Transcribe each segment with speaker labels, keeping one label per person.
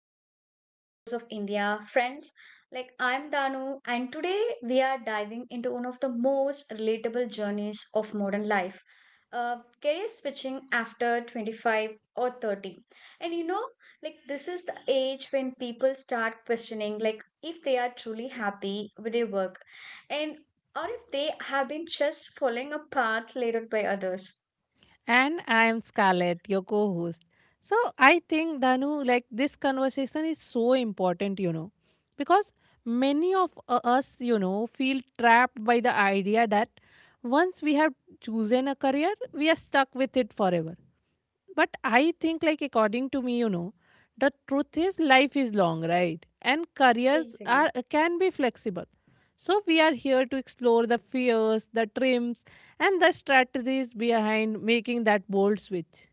Speaker 1: podcast, Echoes of India. Friends, I'm Danu, and today we are diving into one of the most relatable journeys of modern life. Career switching after 25 or 30. And you know, like this is the age when people start questioning like if they are truly happy with their work and or if they have been just following a path laid out by others.
Speaker 2: And I am Scarlett, your co host. So I think, Danu, like this conversation is so important, you know, because many of us, you know, feel trapped by the idea that once we have chosen a career, we are stuck with it forever. But I think, like, according to me, you know, the truth is life is long, right? And careers are
Speaker 1: Yes.
Speaker 2: can be flexible. So we are here to explore the fears, the dreams, and the strategies behind making that bold switch.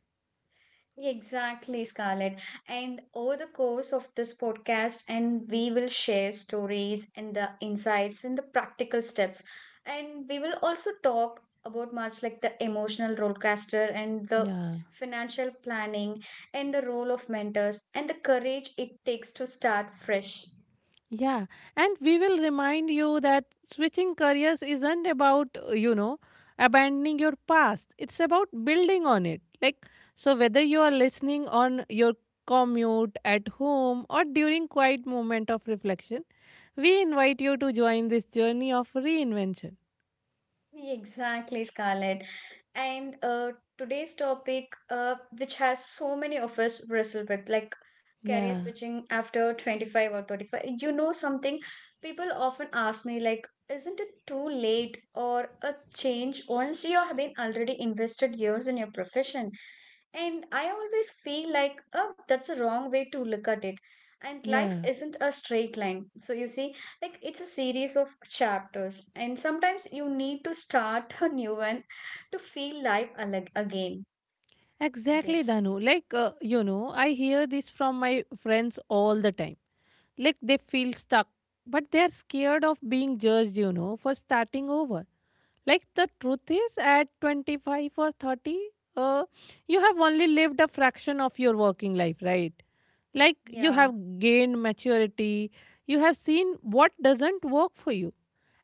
Speaker 1: Exactly, Scarlett. And Over the course of this podcast, and we will share stories and the insights and the practical steps. And we will also talk about much like the emotional rollcaster and the
Speaker 2: Yeah.
Speaker 1: financial planning and the role of mentors and the courage it takes to start fresh.
Speaker 2: Yeah, and we will remind you that switching careers isn't about, abandoning your past. It's about building on it. Like, so whether you are listening on your commute, at home, or during quiet moment of reflection, we invite you to join this journey of reinvention.
Speaker 1: Exactly, Scarlett. And today's topic, which has so many of us wrestle with, like career
Speaker 2: Yeah.
Speaker 1: switching after 25 or 35. You know something, people often ask me, like, isn't it too late or a change once you have been already invested years in your profession? And I always feel like, oh, that's a wrong way to look at it. And life
Speaker 2: Yeah.
Speaker 1: isn't a straight line. So you see, like it's a series of chapters and sometimes you need to start a new one to feel life again, I
Speaker 2: Exactly,
Speaker 1: guess.
Speaker 2: Danu. You know, I hear this from my friends all the time. Like, they feel stuck, but they're scared of being judged, you know, for starting over. Like, the truth is, at 25 or 30, uh, you have only lived a fraction of your working life, right? Like, you
Speaker 1: Yeah.
Speaker 2: have gained maturity, you have seen what doesn't work for you,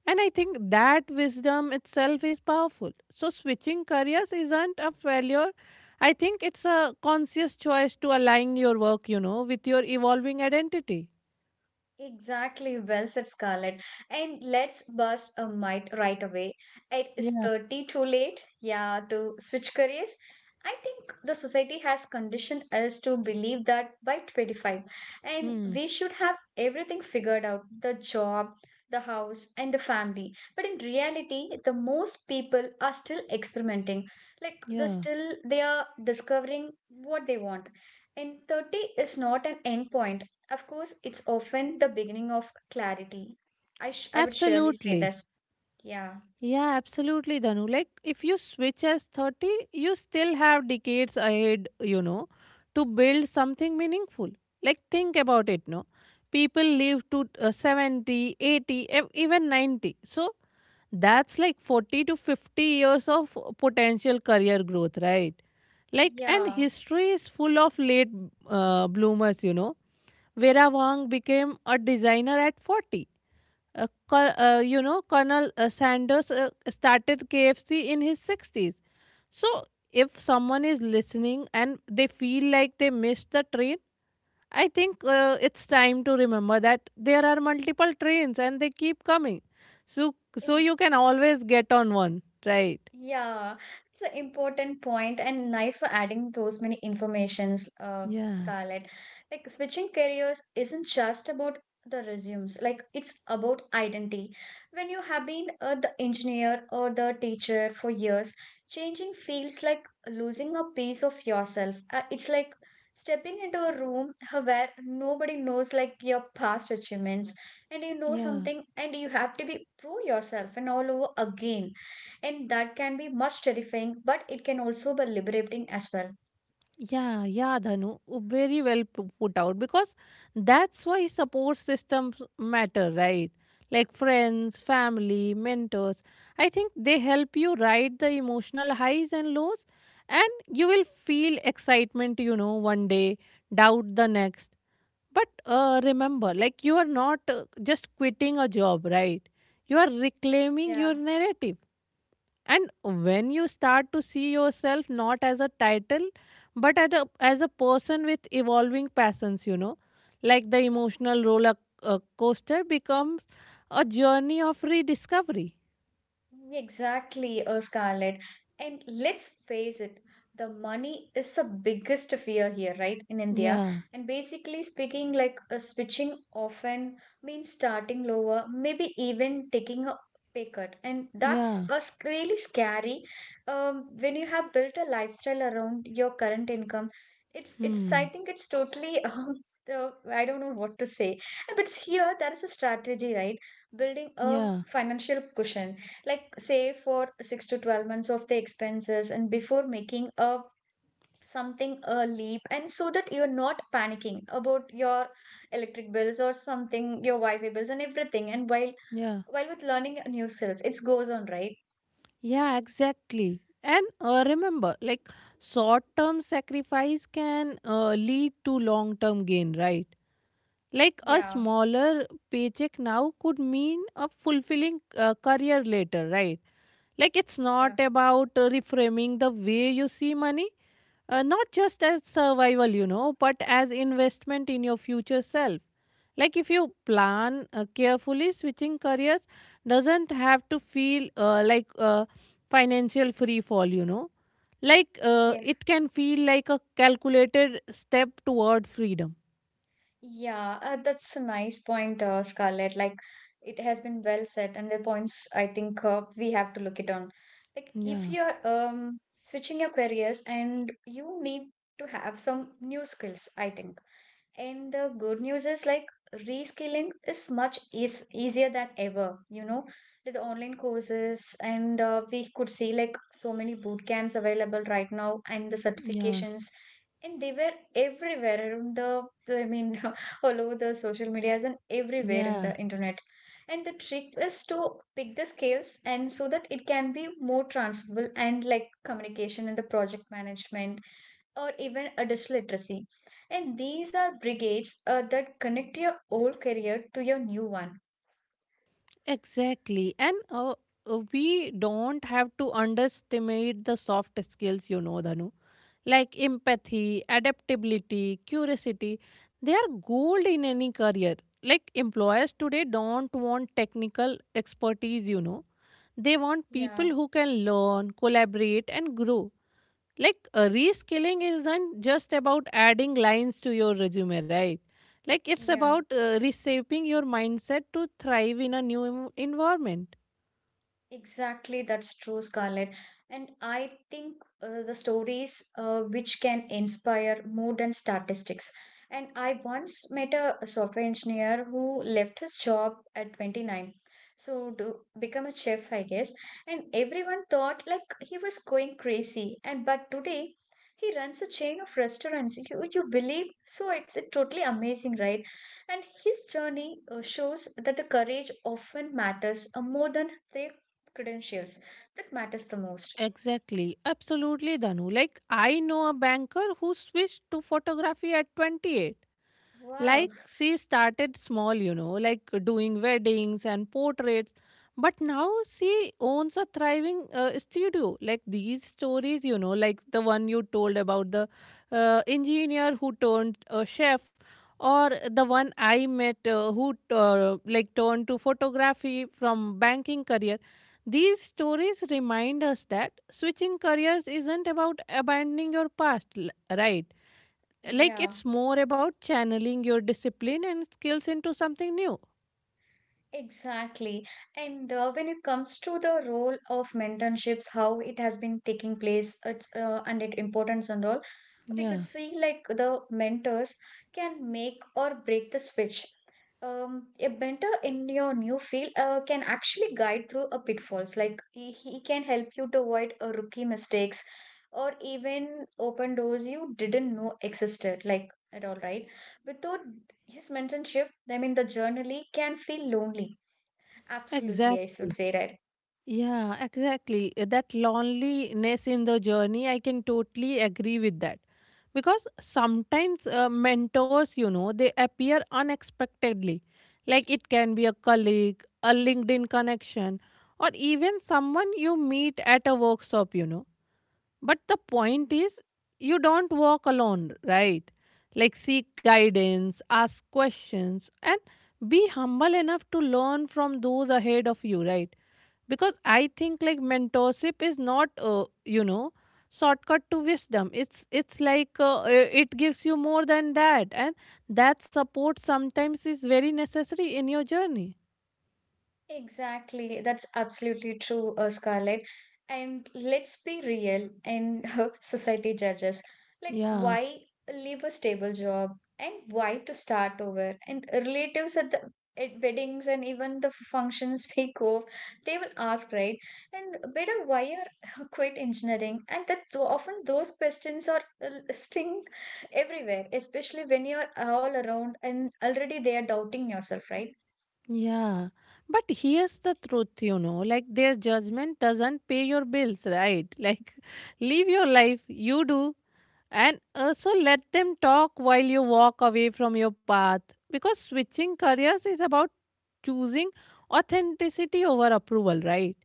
Speaker 2: and I think that wisdom itself is powerful. So, switching careers isn't a failure. I think it's a conscious choice to align your work, you know, with your evolving identity.
Speaker 1: Exactly, well said, Scarlett. And let's bust a myth right away. It is
Speaker 2: Yeah.
Speaker 1: 30 too late, yeah, to switch careers? I think the society has conditioned us to believe that by 25, and
Speaker 2: Hmm.
Speaker 1: we should have everything figured out, the job, the house, and the family. But in reality, the most people are still experimenting. Like
Speaker 2: Yeah.
Speaker 1: they are discovering what they want. And 30 is not an end point. Of course, it's often the beginning of clarity. I would surely say
Speaker 2: Absolutely.
Speaker 1: this. Yeah.
Speaker 2: Yeah, absolutely, Dhanu. Like, if you switch as 30, you still have decades ahead, you know, to build something meaningful. Like, think about it, no? People live to 70, 80, even 90. So, that's like 40 to 50 years of potential career growth, right? Like, and
Speaker 1: Yeah.
Speaker 2: history is full of late bloomers, you know. Vera Wang became a designer at 40. Colonel Sanders started KFC in his 60s. So, if someone is listening and they feel like they missed the train, I think it's time to remember that there are multiple trains and they keep coming. So you can always get on one, right?
Speaker 1: Yeah, it's an important point and nice for adding those many informations,
Speaker 2: Yeah,
Speaker 1: Scarlett. Like switching careers isn't just about the resumes, like it's about identity. When you have been the engineer or the teacher for years, changing feels like losing a piece of yourself. It's like stepping into a room where nobody knows like your past achievements, and you know
Speaker 2: yeah.
Speaker 1: something, and you have to be prove yourself and all over again, and that can be much terrifying, but it can also be liberating as well.
Speaker 2: Yeah, yeah, Dhanu, very well put out because that's why support systems matter, right? Like friends, family, mentors. I think they help you ride the emotional highs and lows, and you will feel excitement, you know, one day, doubt the next. But remember, like you are not just quitting a job, right? You are reclaiming
Speaker 1: Yeah.
Speaker 2: your narrative, and when you start to see yourself not as a title, but as a person with evolving passions, you know, like the emotional roller coaster becomes a journey of rediscovery.
Speaker 1: Exactly, Scarlett. And let's face it, the money is the biggest fear here, right, in India.
Speaker 2: Yeah,
Speaker 1: And basically speaking, like switching often means starting lower, maybe even taking a pay cut. And
Speaker 2: yeah,
Speaker 1: that's really scary, when you have built a lifestyle around your current income. I
Speaker 2: hmm,
Speaker 1: think it's totally, I don't know what to say. But here, there is a strategy, right? Building a
Speaker 2: yeah,
Speaker 1: financial cushion like say for 6 to 12 months of the expenses, and before making a something a leap, and so that you're not panicking about your electric bills or something, your wi-fi bills and everything, and while
Speaker 2: yeah,
Speaker 1: while with learning new skills it goes on, right?
Speaker 2: yeah, exactly. And remember, like short term sacrifice can lead to long term gain, right? Like a
Speaker 1: Yeah.
Speaker 2: smaller paycheck now could mean a fulfilling career later, right? Like it's not
Speaker 1: Yeah.
Speaker 2: about reframing the way you see money, not just as survival, you know, but as investment in your future self. Like if you plan carefully, switching careers doesn't have to feel like a financial free fall, you know. Like
Speaker 1: Yeah,
Speaker 2: it can feel like a calculated step toward freedom.
Speaker 1: Yeah, that's a nice point, Scarlett. Like, it has been well said, and the points I think we have to look it on. Like, if
Speaker 2: Yeah,
Speaker 1: you're switching your careers, and you need to have some new skills, I think. And the good news is like reskilling is easier than ever. You know, with the online courses, and we could see like so many boot camps available right now, and the
Speaker 2: yeah.
Speaker 1: certifications, and they were everywhere around I mean, all over the social medias and everywhere in
Speaker 2: Yeah,
Speaker 1: the internet. And the trick is to pick the scales, and so that it can be more transferable, and like communication and the project management or even a digital literacy. And these are brigades that connect your old career to your new one.
Speaker 2: exactly. And we don't have to underestimate the soft skills, you know, Dhanu. Like empathy, adaptability, curiosity, they are gold in any career. Like employers today don't want technical expertise, you know. They want people
Speaker 1: Yeah,
Speaker 2: who can learn, collaborate, and grow. Like reskilling isn't just about adding lines to your resume, right? Like it's
Speaker 1: yeah.
Speaker 2: about reshaping your mindset to thrive in a new environment.
Speaker 1: Exactly, that's true, Scarlett. And I think the stories which can inspire more than statistics. And I once met a software engineer who left his job at 29. So to become a chef, I guess. And everyone thought like he was going crazy. And but today he runs a chain of restaurants. You believe? So it's totally amazing, right? And his journey shows that the courage often matters more than their credentials, that matters the most.
Speaker 2: Exactly, absolutely, Danu. Like I know a banker who switched to photography at 28. Like
Speaker 1: Wow.
Speaker 2: she started small, you know, like doing weddings and portraits, but now she owns a thriving studio. Like these stories, you know, like the one you told about the engineer who turned a chef, or the one I met who like turned to photography from banking career. These stories remind us that switching careers isn't about abandoning your past, right? Like
Speaker 1: Yeah,
Speaker 2: it's more about channeling your discipline and skills into something new.
Speaker 1: exactly. And when it comes to the role of mentorships, how it has been taking place, it's and its importance and all, we could
Speaker 2: Yeah,
Speaker 1: see like the mentors can make or break the switch. A mentor in your new field can actually guide through a pitfalls. Like he can help you to avoid a rookie mistakes, or even open doors you didn't know existed. Like at all, right? Without his mentorship, I mean the journey can feel lonely. Absolutely, I should
Speaker 2: exactly.
Speaker 1: say that.
Speaker 2: Yeah, exactly. That loneliness in the journey, I can totally agree with that because sometimes mentors, you know, they appear unexpectedly. Like it can be a colleague, a LinkedIn connection, or even someone you meet at a workshop, you know. But the point is, you don't walk alone, right? Like, seek guidance, ask questions, and be humble enough to learn from those ahead of you, right? Because I think like mentorship is not shortcut to wisdom. It's like it gives you more than that, and that support sometimes is very necessary in your journey.
Speaker 1: Exactly, that's absolutely true, Scarlett. And let's be real, and society judges, like
Speaker 2: Yeah.
Speaker 1: why leave a stable job and why to start over? And relatives at the at weddings and even the functions we go, they will ask, right? And better why are quit engineering? And that, so often those questions are sting everywhere, especially when you're all around and already they are doubting yourself, right?
Speaker 2: Yeah, but here's the truth, you know, like their judgment doesn't pay your bills, right? Like, live your life, you do, and also let them talk while you walk away from your path, because switching careers is about choosing authenticity over approval, right?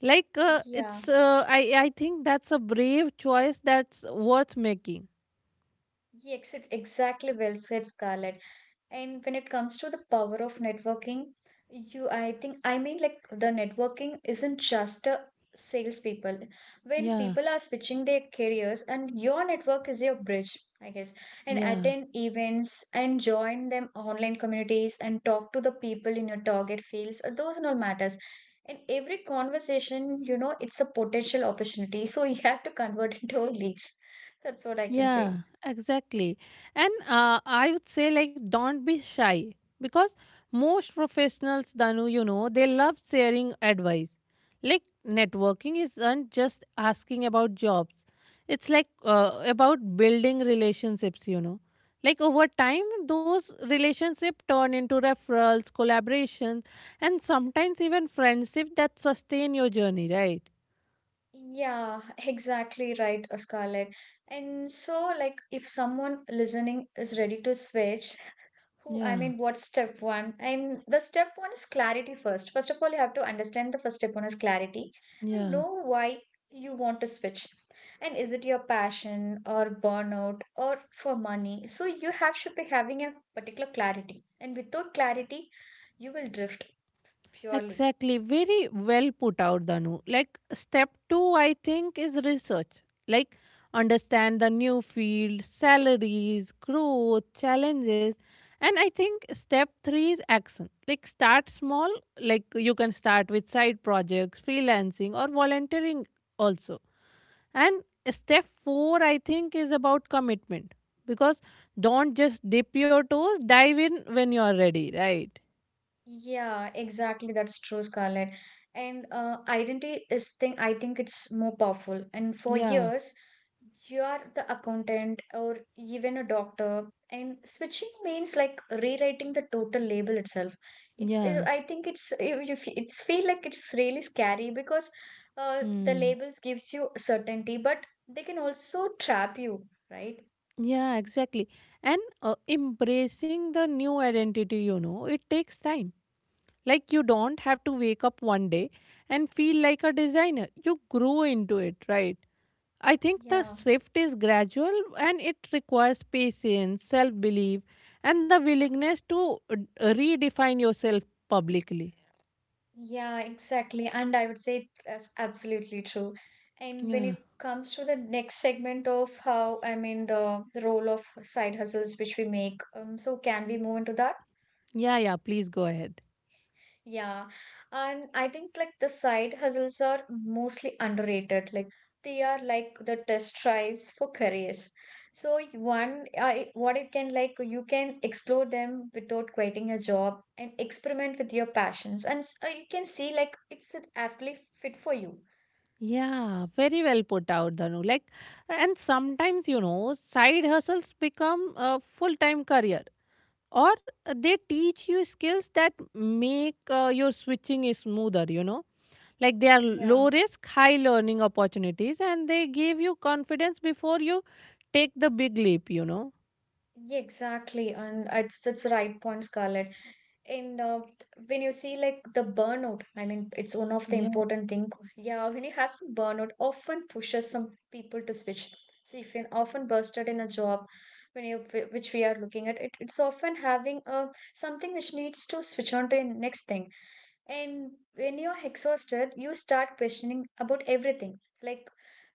Speaker 2: Like, uh,
Speaker 1: Yeah.
Speaker 2: it's, uh, I, I think that's a brave choice that's worth making.
Speaker 1: Yes, it's exactly well said, Scarlett. And when it comes to the power of networking, you, I think, I mean, like the networking isn't just a salespeople. When
Speaker 2: Yeah,
Speaker 1: people are switching their careers, and your network is your bridge, I guess, and
Speaker 2: yeah.
Speaker 1: attend events and join them online communities and talk to the people in your target fields, those and all matters. And every conversation, you know, it's a potential opportunity. So you have to convert into leads. That's what I can
Speaker 2: Yeah,
Speaker 1: say.
Speaker 2: exactly. And I would say, like, don't be shy because most professionals, Danu, you know, they love sharing advice. Like, networking isn't just asking about jobs, it's about building relationships, you know. Like, over time, those relationships turn into referrals, collaborations, and sometimes even friendships that sustain your journey, right?
Speaker 1: Yeah, exactly right, Scarlett. And so, like, if someone listening is ready to switch, who I
Speaker 2: Yeah,
Speaker 1: mean, what's step one? And the step one is clarity first. First of all, you have to understand the first step one is clarity, and
Speaker 2: yeah.
Speaker 1: know why you want to switch. And is it your passion or burnout or for money? So you have should be having a particular clarity. And without clarity, you will drift purely.
Speaker 2: Exactly. Very well put out, Danu. Like, step two, I think, is research. Like, understand the new field, salaries, growth, challenges. And I think step three is action. Like, start small. Like, you can start with side projects, freelancing, or volunteering also. And step four, I think, is about commitment. Because don't just dip your toes, dive in when you are ready, right?
Speaker 1: Yeah, exactly. That's true, Scarlett. And identity is thing. I think it's more powerful. And for
Speaker 2: Yeah.
Speaker 1: years, you are the accountant or even a doctor. And switching means like rewriting the total label itself. It's.
Speaker 2: Yeah.
Speaker 1: I think it's. You. You fe- it's feel like it's really scary because, the
Speaker 2: Hmm.
Speaker 1: labels gives you certainty, but they can also trap you, right?
Speaker 2: Yeah, exactly. And embracing the new identity, you know, it takes time. Like you don't have to wake up one day and feel like a designer. You grow into it, right? I think the
Speaker 1: Yeah.
Speaker 2: shift is gradual and it requires patience, self belief, and the willingness to redefine yourself publicly.
Speaker 1: Yeah, exactly. And I would say that's absolutely true. And when
Speaker 2: Yeah.
Speaker 1: it comes to the next segment of how I mean the role of side hustles which we make, so can we move into that?
Speaker 2: Yeah, yeah, please go ahead.
Speaker 1: Yeah, and I think like the side hustles are mostly underrated. Like they are like the test drives for careers. So y- one, I what you can, like you can explore them without quitting a job and experiment with your passions, and you can see like it's actually fit for you.
Speaker 2: Yeah, very well put out, Dhanu. Like, and sometimes, you know, side hustles become a full time career, or they teach you skills that make your switching is smoother, you know. Like, they are
Speaker 1: Yeah,
Speaker 2: low risk, high learning opportunities, and they give you confidence before you take the big leap, you know.
Speaker 1: yeah, exactly, and it's the right point, Scarlett. And when you see like the burnout, I mean, it's one of the
Speaker 2: Yeah.
Speaker 1: important thing. Yeah, when you have some burnout, often pushes some people to switch. So if you're often bursted in a job, when you which we are looking at, it's often having a something which needs to switch on to a next thing, and when you're exhausted, you start questioning about everything. Like,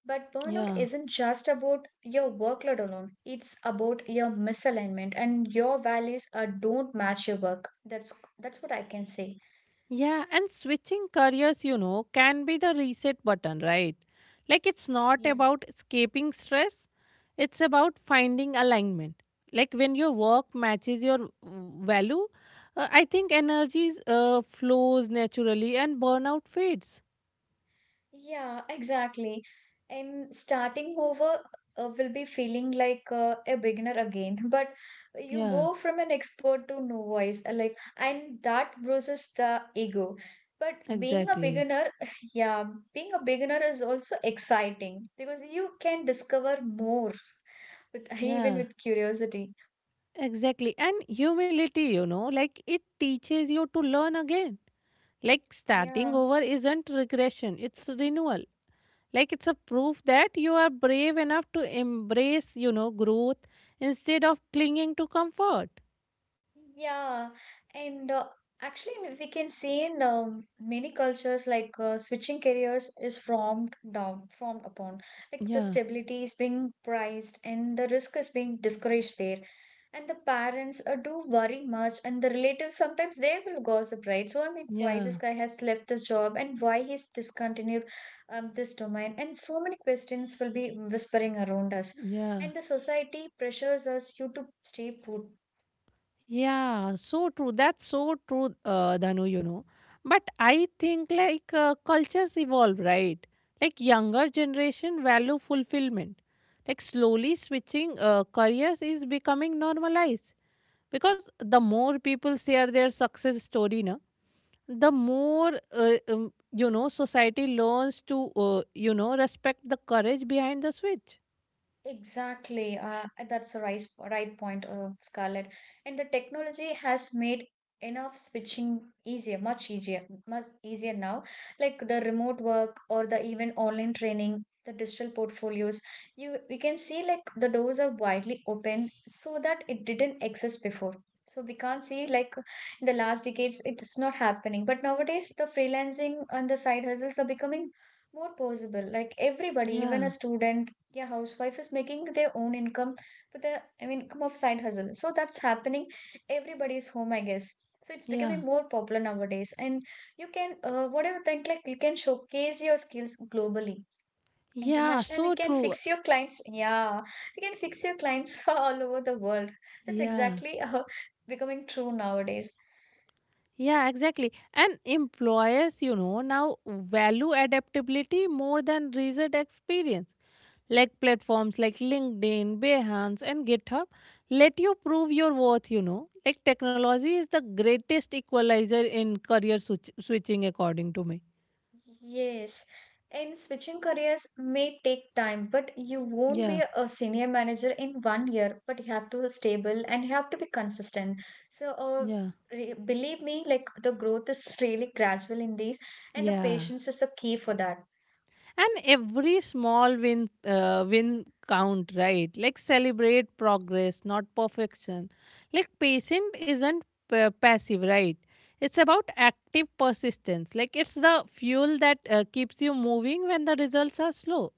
Speaker 1: but burnout
Speaker 2: Yeah.
Speaker 1: isn't just about your workload alone, it's about your misalignment and your values are don't match your work. That's what I can say.
Speaker 2: Yeah, and switching careers, you know, can be the reset button, right? Like it's not
Speaker 1: Yeah.
Speaker 2: about escaping stress, it's about finding alignment. Like when your work matches your value, I think energy flows naturally and burnout fades.
Speaker 1: Yeah, exactly. And starting over will be feeling like a beginner again. But you
Speaker 2: Yeah,
Speaker 1: go from an expert to novice, like, and that bruises the ego. But being a
Speaker 2: exactly.
Speaker 1: beginner, yeah, being a beginner is also exciting because you can discover more with, even
Speaker 2: Yeah,
Speaker 1: with curiosity.
Speaker 2: exactly. And humility, you know, like it teaches you to learn again. Like starting
Speaker 1: Yeah.
Speaker 2: over isn't regression, it's renewal. Like it's a proof that you are brave enough to embrace, you know, growth instead of clinging to comfort.
Speaker 1: Yeah, and actually, we can see in many cultures, like switching careers is formed upon. Like the
Speaker 2: Yeah,
Speaker 1: stability is being prized and the risk is being discouraged there. And the parents do worry much, and the relatives sometimes they will gossip, right? So, I mean, why
Speaker 2: yeah,
Speaker 1: this guy has left this job and why he's discontinued this domain, and so many questions will be whispering around us.
Speaker 2: yeah,
Speaker 1: And the society pressures us you to stay put.
Speaker 2: yeah, so true. That's so true, Danu, you know. But I think like cultures evolve, right? Like younger generation value fulfillment. Like slowly switching careers is becoming normalized because the more people share their success story, na, the more you know, society learns to you know, respect the courage behind the switch.
Speaker 1: Exactly. That's a right point, Scarlett. And the technology has made enough switching easier, much easier, much easier now. Like the remote work or the even online training, the digital portfolios. You we can see like the doors are widely open so that it didn't exist before. So we can't see like in the last decades it is not happening. But nowadays the freelancing and the side hustles are becoming more possible. Like everybody, even a
Speaker 2: Yeah.
Speaker 1: student, yeah, housewife is making their own income with the income of side hustle, so that's happening everybody's home, I guess, so it's
Speaker 2: Yeah.
Speaker 1: becoming more popular nowadays. And you can whatever think like you can showcase your skills globally,
Speaker 2: Yeah,
Speaker 1: international, and you
Speaker 2: so
Speaker 1: can
Speaker 2: true.
Speaker 1: fix your clients, yeah, you can fix your clients all over the world. That's
Speaker 2: Yeah.
Speaker 1: exactly becoming true nowadays.
Speaker 2: Yeah, exactly. And employers, you know, now value adaptability more than recent experience. Like platforms like LinkedIn, Behance, and GitHub let you prove your worth, you know. Like technology is the greatest equalizer in career switching, according to me.
Speaker 1: Yes, and switching careers may take time, but you won't
Speaker 2: Yeah.
Speaker 1: be a senior manager in 1 year, but you have to be stable and you have to be consistent. So, uh,
Speaker 2: Yeah.
Speaker 1: re- believe me, like the growth is really gradual in these, and the
Speaker 2: Yeah.
Speaker 1: patience is the key for that.
Speaker 2: And every small win count, right? Like celebrate progress, not perfection. Like patient isn't passive, right? It's about active persistence. Like it's the fuel that keeps you moving when the results are slow.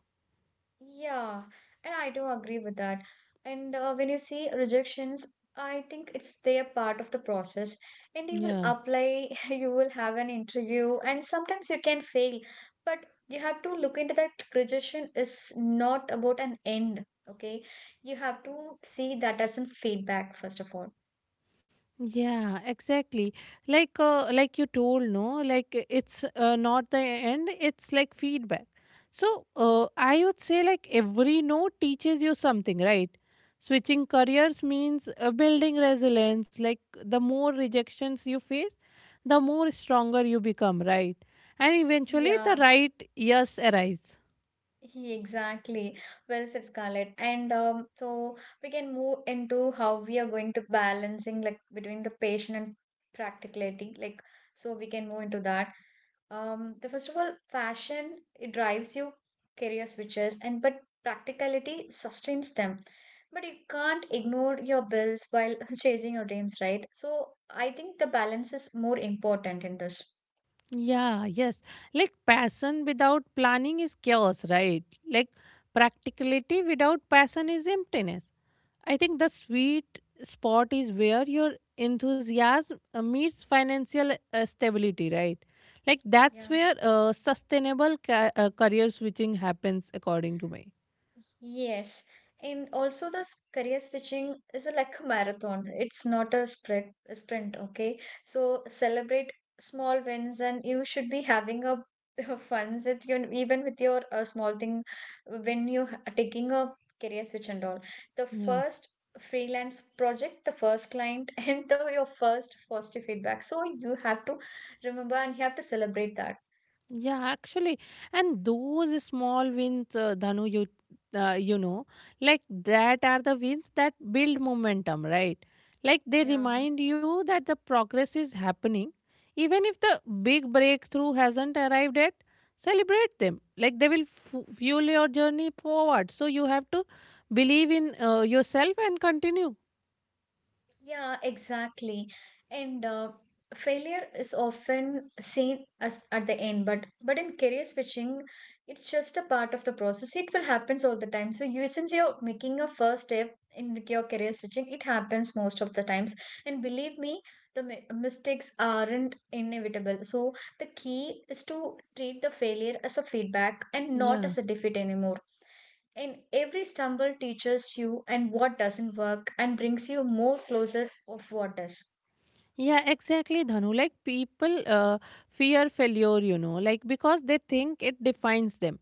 Speaker 1: Yeah, and I do agree with that. And when you see rejections, I think it's their part of the process. And you will
Speaker 2: Yeah.
Speaker 1: apply, you will have an interview, and sometimes you can fail. But you have to look into that rejection is not about an end, okay? You have to see that as a feedback, first of all.
Speaker 2: Yeah, exactly. Like, like you told, no, like, it's not the end, it's like feedback. So I would say like every note teaches you something, right? Switching careers means building resilience. Like the more rejections you face, the more stronger you become, right? And eventually the
Speaker 1: Yeah.
Speaker 2: right yes arrives.
Speaker 1: Exactly. Well said, Scarlett. And so we can move into how we are going to balancing like between the patient and practicality. Like so we can move into that. The first of all, fashion it drives you career switches and but practicality sustains them. But you can't ignore your bills while chasing your dreams, right? So I think the balance is more important in this.
Speaker 2: Yeah, yes. Like passion without planning is chaos, right? Like practicality without passion is emptiness. I think the sweet spot is where your enthusiasm meets financial stability, right? Like that's
Speaker 1: Yeah.
Speaker 2: where sustainable career switching happens, according to me.
Speaker 1: Yes, and also career switching is a, like a marathon. It's not a spread a sprint, okay? So celebrate small wins, and you should be having a fun with you even with your small thing when you are taking a career switch and all. The
Speaker 2: Yeah.
Speaker 1: first freelance project, the first client, and the your first positive feedback. So you have to remember and you have to celebrate that.
Speaker 2: Yeah, actually, and those small wins, Dhanu, you you know, like that are the wins that build momentum, right? Like they
Speaker 1: Yeah.
Speaker 2: remind you that the progress is happening, even if the big breakthrough hasn't arrived yet. Celebrate them, like they will fu fuel your journey forward. So you have to believe in yourself and continue.
Speaker 1: Yeah, exactly. And failure is often seen as at the end, but in career switching, it's just a part of the process. It will happens all the time. So you since you're making a first step in your career switching, it happens most of the times. And believe me, the mistakes aren't inevitable. So the key is to treat the failure as a feedback and not
Speaker 2: Yeah.
Speaker 1: as a defeat anymore. And every stumble teaches you and what doesn't work and brings you more closer of what does.
Speaker 2: Yeah, exactly, Dhanu. Like people fear failure, you know, like because they think it defines them,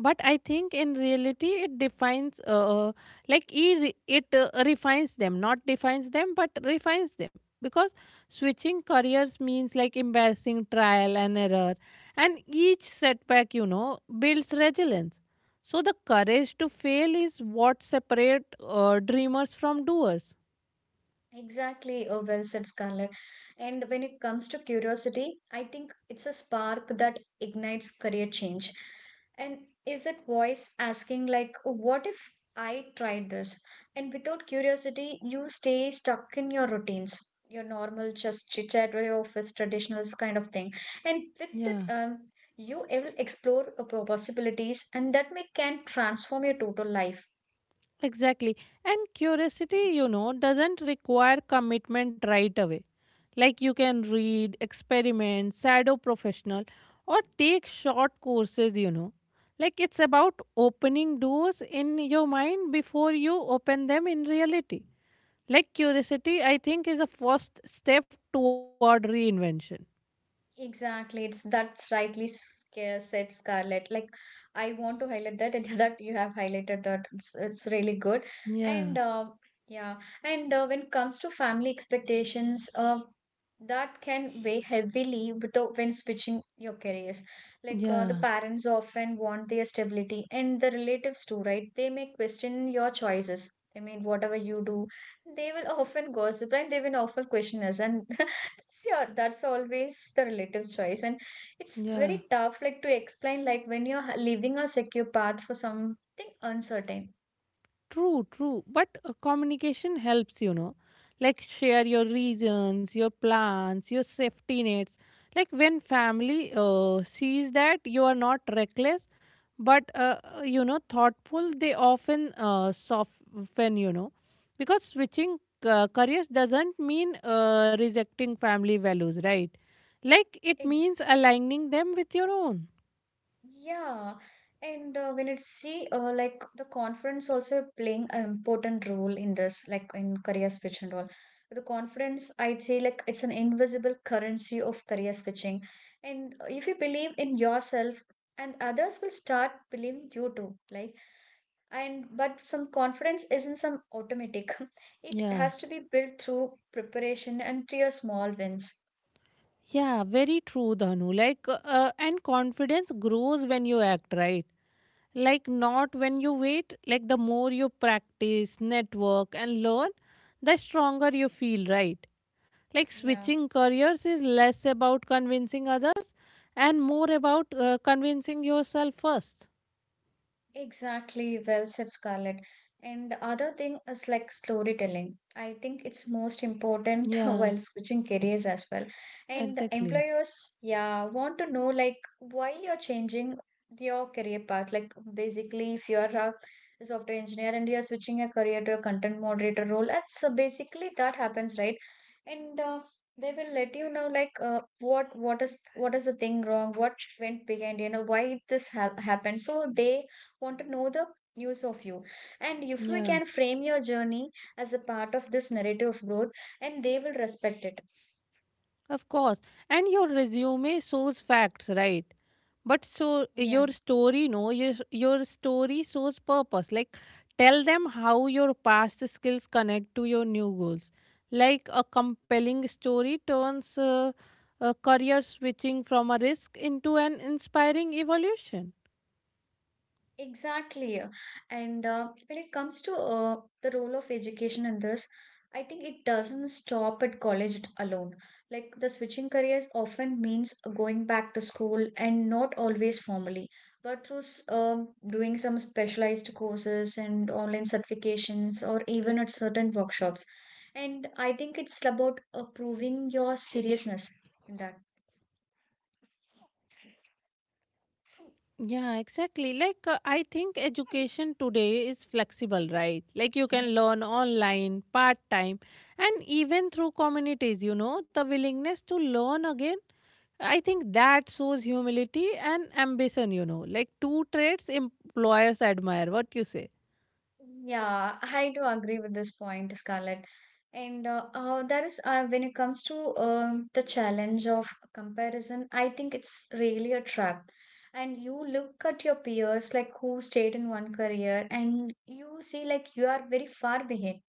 Speaker 2: but I think in reality it defines like e it refines them, not defines them, but refines them, because switching careers means like embarrassing trial and error, and each setback, you know, builds resilience. So the courage to fail is what separate dreamers from doers.
Speaker 1: Exactly, oh, well said, Scarlett. And when it comes to curiosity, I think it's a spark that ignites career change. And is that voice asking, like, what if I tried this? And without curiosity, you stay stuck in your routines, your normal just chit chat with your office traditionals kind of thing. And with that,
Speaker 2: Yeah,
Speaker 1: you will explore possibilities, and that may can transform your total life.
Speaker 2: exactly. And curiosity, you know, doesn't require commitment right away. Like you can read, experiment, shadow professional, or take short courses, you know. Like it's about opening doors in your mind before you open them in reality. Like curiosity, I think, is a first step toward reinvention.
Speaker 1: Exactly, it's that's rightly said Scarlett. Like, I want to highlight that and that you have highlighted that, it's really good.
Speaker 2: Yeah,
Speaker 1: And yeah, and when it comes to family expectations, that can weigh heavily without when switching your careers. Like, the
Speaker 2: yeah,
Speaker 1: parents often want their stability, and the relatives too, right? They may question your choices. I mean, whatever you do, they will often gossip and they will often question us. And so, yeah, that's always the relative's choice and it's
Speaker 2: yeah.
Speaker 1: very tough like to explain like when you're leaving a secure path for something uncertain.
Speaker 2: True, true. But communication helps, you know. Like share your reasons, your plans, your safety nets. Like when family sees that you are not reckless, but you know, thoughtful, they often soften, you know, because switching careers doesn't mean rejecting family values, right? Like it
Speaker 1: Ex-
Speaker 2: means aligning them with your own.
Speaker 1: yeah, and when it's see like the conference also playing an important role in this, like in career switch and all. The conference, I'd say, like it's an invisible currency of career switching, and if you believe in yourself, and others will start believing you too. Like, and but some confidence isn't some automatic, it
Speaker 2: Yeah.
Speaker 1: has to be built through preparation and clear small wins.
Speaker 2: Yeah, very true, Dhanu. Like, and confidence grows when you act right. Like, not when you wait. Like, the more you practice, network, and learn, the stronger you feel, right? Like,
Speaker 1: Yeah.
Speaker 2: switching careers is less about convincing others and more about convincing yourself first.
Speaker 1: Exactly, well said, Scarlett. And the other thing is like storytelling. I think it's most important
Speaker 2: Yeah,
Speaker 1: while switching careers as well. And the
Speaker 2: exactly.
Speaker 1: employers, yeah, want to know like why you're changing your career path. Like basically, if you're a software engineer and you're switching your career to a content moderator role, that's so basically that happens, right? And they will let you know like what is the thing wrong, what went behind, you know, why this ha happened. So they want to know the news of you. And if we
Speaker 2: Yeah.
Speaker 1: can frame your journey as a part of this narrative of growth, and they will respect it.
Speaker 2: Of course. And your resume shows facts, right? But so
Speaker 1: Yeah.
Speaker 2: your story, no, your story shows purpose. Like tell them how your past skills connect to your new goals. Like a compelling story turns a career switching from a risk into an inspiring evolution.
Speaker 1: Exactly. And when it comes to the role of education in this, I think it doesn't stop at college alone. Like the switching careers often means going back to school and not always formally, but through doing some specialized courses and online certifications or even at certain workshops. And I think it's about proving your seriousness in that.
Speaker 2: Yeah, exactly. Like, I think education today is flexible, right? Like, you can learn online, part time, and even through communities, you know, the willingness to learn again. I think that shows humility and ambition, you know, like two traits employers admire. What you say?
Speaker 1: Yeah, I do agree with this point, Scarlett. And there is, when it comes to the challenge of comparison, I think it's really a trap. And you look at your peers, like who stayed in one career, and you see, like, you are very far behind.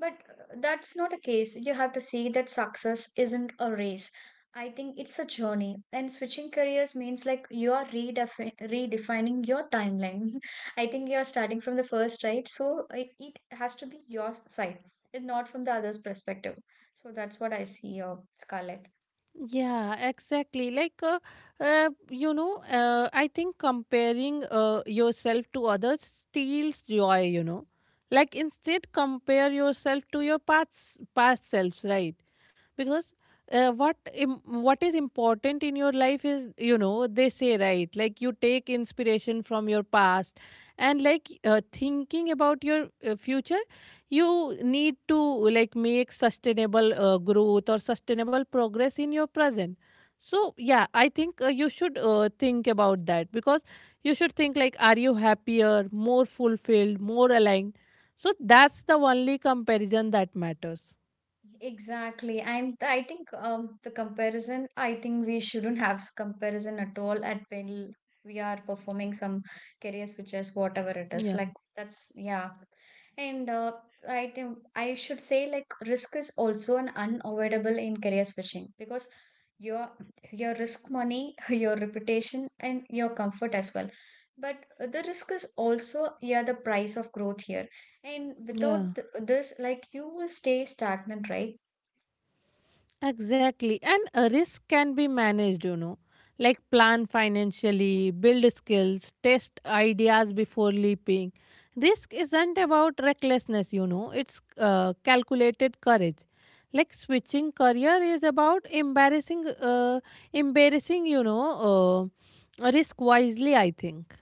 Speaker 1: But that's not a case. You have to see that success isn't a race. I think it's a journey. And switching careers means like you are redefining your timeline. I think you are starting from the first, right? So it has to be your side and not from the other's perspective. So that's what I see here, Scarlett.
Speaker 2: Yeah, exactly. Like, you know, I think comparing yourself to others steals joy, you know. Like, instead, compare yourself to your past selves, right? Because what is important in your life is, you know, they say, right? Like, you take inspiration from your past and, like, thinking about your future, you need to like make sustainable growth or sustainable progress in your present. So yeah, I think you should think about that, because you should think like, are you happier, more fulfilled, more aligned? So that's the only comparison that matters.
Speaker 1: Exactly. I think the comparison, I think we shouldn't have comparison at all at when we are performing some career switches, whatever it is.
Speaker 2: yeah
Speaker 1: Like that's yeah. And I think I should say like risk is also an unavoidable in career switching because your your risk money, your reputation and your comfort as well. But the risk is also, yeah, the price of growth here. And
Speaker 2: yeah
Speaker 1: without this, like you will stay stagnant, right?
Speaker 2: Exactly. And a risk can be managed, you know, like plan financially, build skills, test ideas before leaping. Risk isn't about recklessness, you know, it's calculated courage. Like switching career is about embarrassing, you know, risk wisely, I think.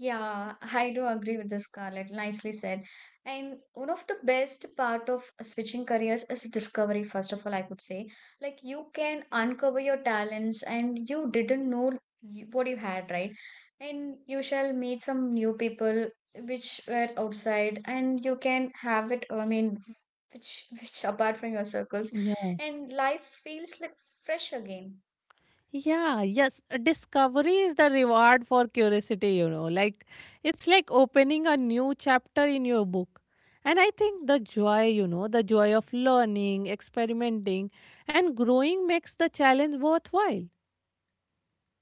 Speaker 1: Yeah, I do agree with this, Scarlett. Nicely said. And one of the best part of switching careers is discovery, first of all, I could say. Like you can uncover your talents and you didn't know what you had, right? And you shall meet some new people which were outside and you can have it, I mean, which which apart from your circles, and life feels like fresh again.
Speaker 2: Yeah, yes. Discovery is the reward for curiosity, you know. Like, it's like opening a new chapter in your book. And I think the joy, you know, the joy of learning, experimenting, and growing makes the challenge worthwhile.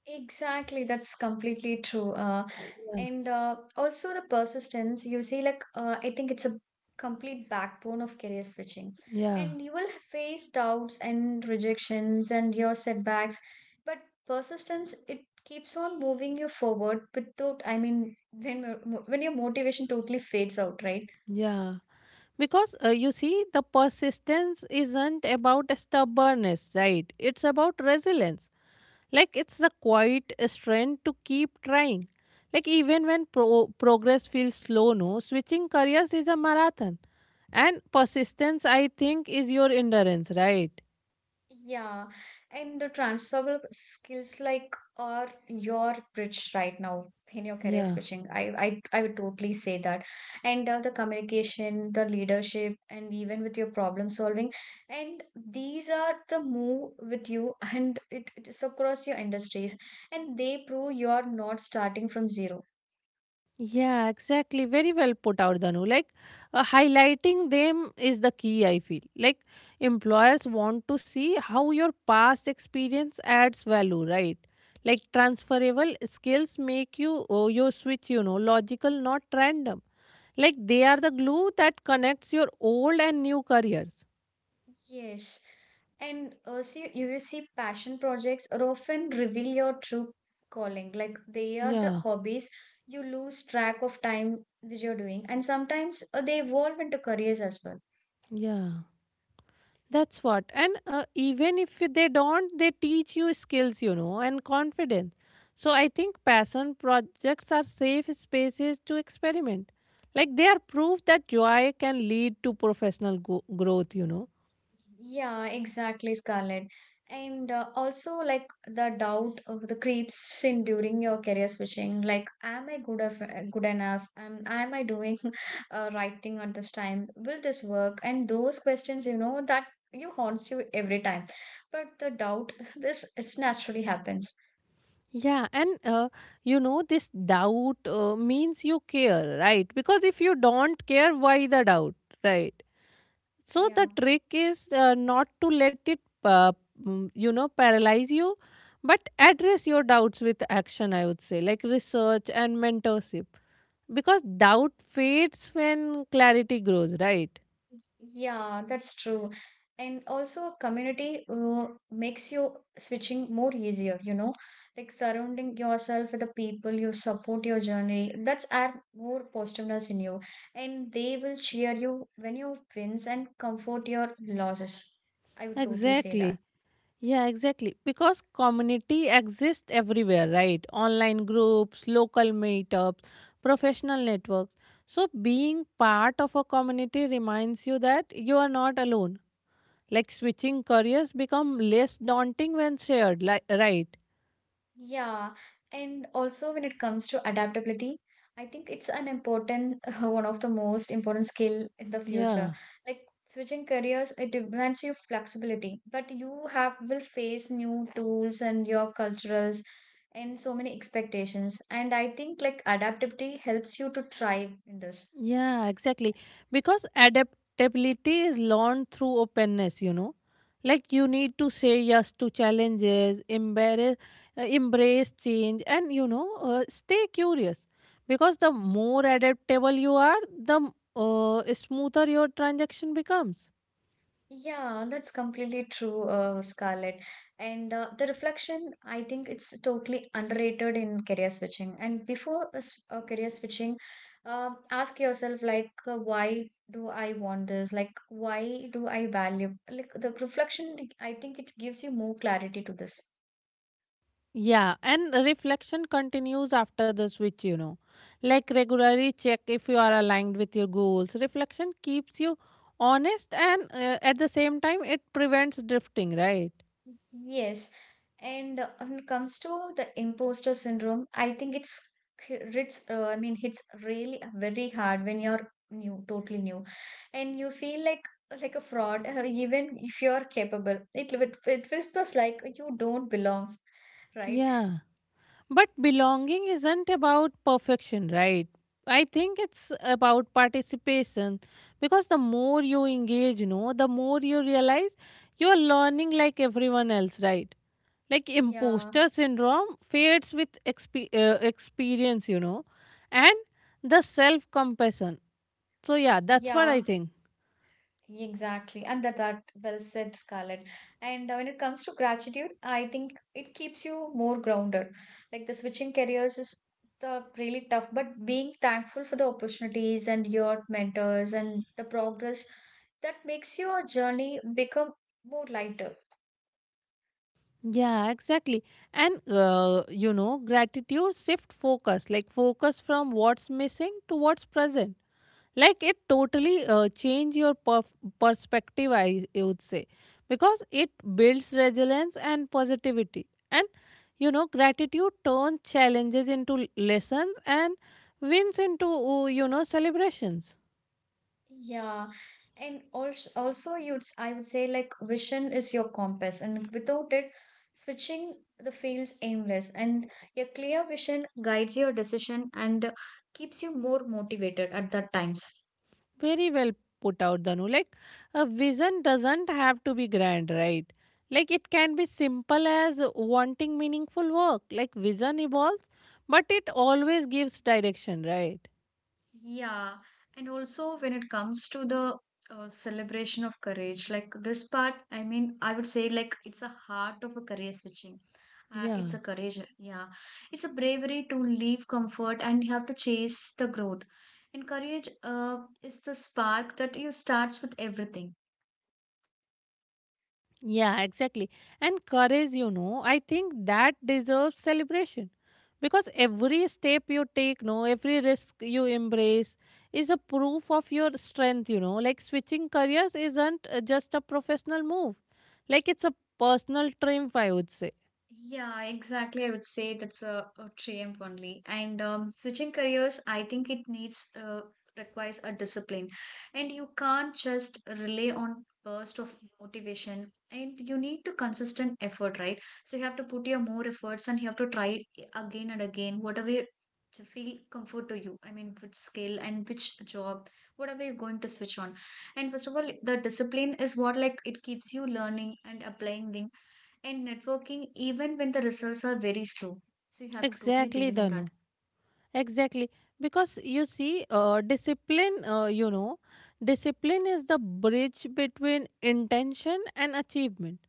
Speaker 1: Exactly, that's completely true.
Speaker 2: Yeah.
Speaker 1: And also the persistence you see, like, I think it's a complete backbone of career switching,
Speaker 2: Yeah,
Speaker 1: and you will face doubts and rejections and your setbacks, but persistence it keeps on moving you forward without, I mean, when when your motivation totally fades out, right?
Speaker 2: yeah. Because you see, the persistence isn't about stubbornness, right? It's about resilience. Like it's the quiet strength to keep trying. Like even when progress feels slow, no, switching careers is a marathon. And persistence, I think, is your endurance, right?
Speaker 1: Yeah, and the transferable skills like are your bridge right now in your career
Speaker 2: Yeah.
Speaker 1: switching. I would totally say that. And the communication, the leadership, and even with your problem solving, and these are the move with you, and it is across your industries, and they prove you're not starting from zero.
Speaker 2: Yeah, exactly. Very well put out, Danu. Like, highlighting them is the key, I feel. Like, employers want to see how your past experience adds value, right? Like, transferable skills make you, oh, your switch, you know, logical, not random. Like, they are the glue that connects your old and new careers.
Speaker 1: Yes. And see, you will see passion projects are often reveal your true calling. Like they are the
Speaker 2: Yeah,
Speaker 1: hobbies you lose track of time which you're doing, and sometimes they evolve into careers as well.
Speaker 2: yeah. That's what. And even if they don't, they teach you skills, you know, and confidence. So I think passion projects are safe spaces to experiment. Like they are proof that joy can lead to professional growth, you know.
Speaker 1: Yeah, exactly, Scarlett. And also, like the doubt of the creeps in during your career switching. Like, am I good of, good enough? Am I doing right thing at this time? Will this work? And those questions, you know, that you haunts you every time. But the doubt, this it's naturally happens.
Speaker 2: Yeah, and you know, this doubt means you care, right? Because if you don't care, why the doubt, right? So the
Speaker 1: Yeah.
Speaker 2: trick is not to let it, you know, paralyze you, but address your doubts with action, I would say, like research and mentorship. Because doubt fades when clarity grows, right?
Speaker 1: Yeah, that's true. And also, a community makes you switching more easier, you know, like surrounding yourself with the people you support your journey. That's add more positiveness in you, and they will cheer you when you wins and comfort your losses. I would totally say that.
Speaker 2: Exactly. Yeah, exactly. Because community exists everywhere, right? Online groups, local meetups, professional networks. So being part of a community reminds you that you are not alone. Like switching careers become less daunting when shared, like, right?
Speaker 1: Yeah, and also when it comes to adaptability, I think it's an important, one of the most important skill in the
Speaker 2: Yeah,
Speaker 1: future. Like switching careers, it demands you flexibility, but you have will face new tools and your cultures and so many expectations. And I think like adaptability helps you to thrive in this.
Speaker 2: yeah, exactly. Because adaptability is learned through openness, you know. Like you need to say yes to challenges, embrace, embrace change, and you know, stay curious. Because the more adaptable you are, the smoother your transaction becomes.
Speaker 1: Yeah, that's completely true, Scarlett. And the reflection, I think it's totally underrated in career switching. And before a career switching, ask yourself like, why do I want this? Like, why do I value? Like the reflection, I think it gives you more clarity to this.
Speaker 2: Yeah, and reflection continues after the switch, you know. Like regularly check if you are aligned with your goals. Reflection keeps you honest and at the same time it prevents drifting, right?
Speaker 1: Yes, and when it comes to the imposter syndrome, I think it's hits. I mean, hits really very hard when you're new, totally new, and you feel like a fraud, even if you're capable. It whispers like you don't belong, right?
Speaker 2: Yeah. But belonging isn't about perfection, right? I think it's about participation, because the more you engage, no, the more you realize you are learning like everyone else, right? Like
Speaker 1: Yeah,
Speaker 2: imposter syndrome fades with experience, you know, and the self compassion. So, yeah, that's what
Speaker 1: yeah.
Speaker 2: I think.
Speaker 1: Exactly, and that well said, Scarlett. And when it comes to gratitude, I think it keeps you more grounded. Like the switching careers is the really tough, but being thankful for the opportunities and your mentors and the progress that makes your journey become more lighter.
Speaker 2: Yeah, exactly. And, you know, gratitude shift focus, like focus from what's missing to what's present. Like it totally change your perspective, I would say, because it builds resilience and positivity, and you know, gratitude turns challenges into lessons and wins into you know, celebrations.
Speaker 1: Yeah, and also you'd s- I would say like vision is your compass, and without it, switching the feels aimless. And your clear vision guides your decision and keeps you more motivated at that times.
Speaker 2: Very well put out, Danu. Like a vision doesn't have to be grand, right? Like it can be simple as wanting meaningful work. Like vision evolves, but it always gives direction, right?
Speaker 1: Yeah, and also when it comes to the celebration of courage, like this part, I mean, I would say like it's a heart of a career switching. It's
Speaker 2: Yeah.
Speaker 1: a courage, yeah. It's a bravery to leave comfort and you have to chase the growth. And courage is the spark that you starts with everything.
Speaker 2: Yeah, exactly. And courage, you know, I think that deserves celebration. Because every step you take, no, every risk you embrace is a proof of your strength, you know. Like switching careers isn't just a professional move. Like it's a personal triumph, I would say.
Speaker 1: Yeah, exactly. I would say that's a triumph only. And switching careers, I think it needs requires a discipline, and you can't just rely on burst of motivation. And you need to consistent effort, right? So you have to put your more efforts, and you have to try it again and again, whatever you- to feel comfort to you. I mean, which skill and which job, whatever you're going to switch on. And first of all, the discipline is what like it keeps you learning and applying the and networking even when the results are very slow. So you have to totally
Speaker 2: Exactly,
Speaker 1: believe in
Speaker 2: Danu.
Speaker 1: that.
Speaker 2: Exactly. Because you see, discipline, you know, discipline is the bridge between intention and achievement.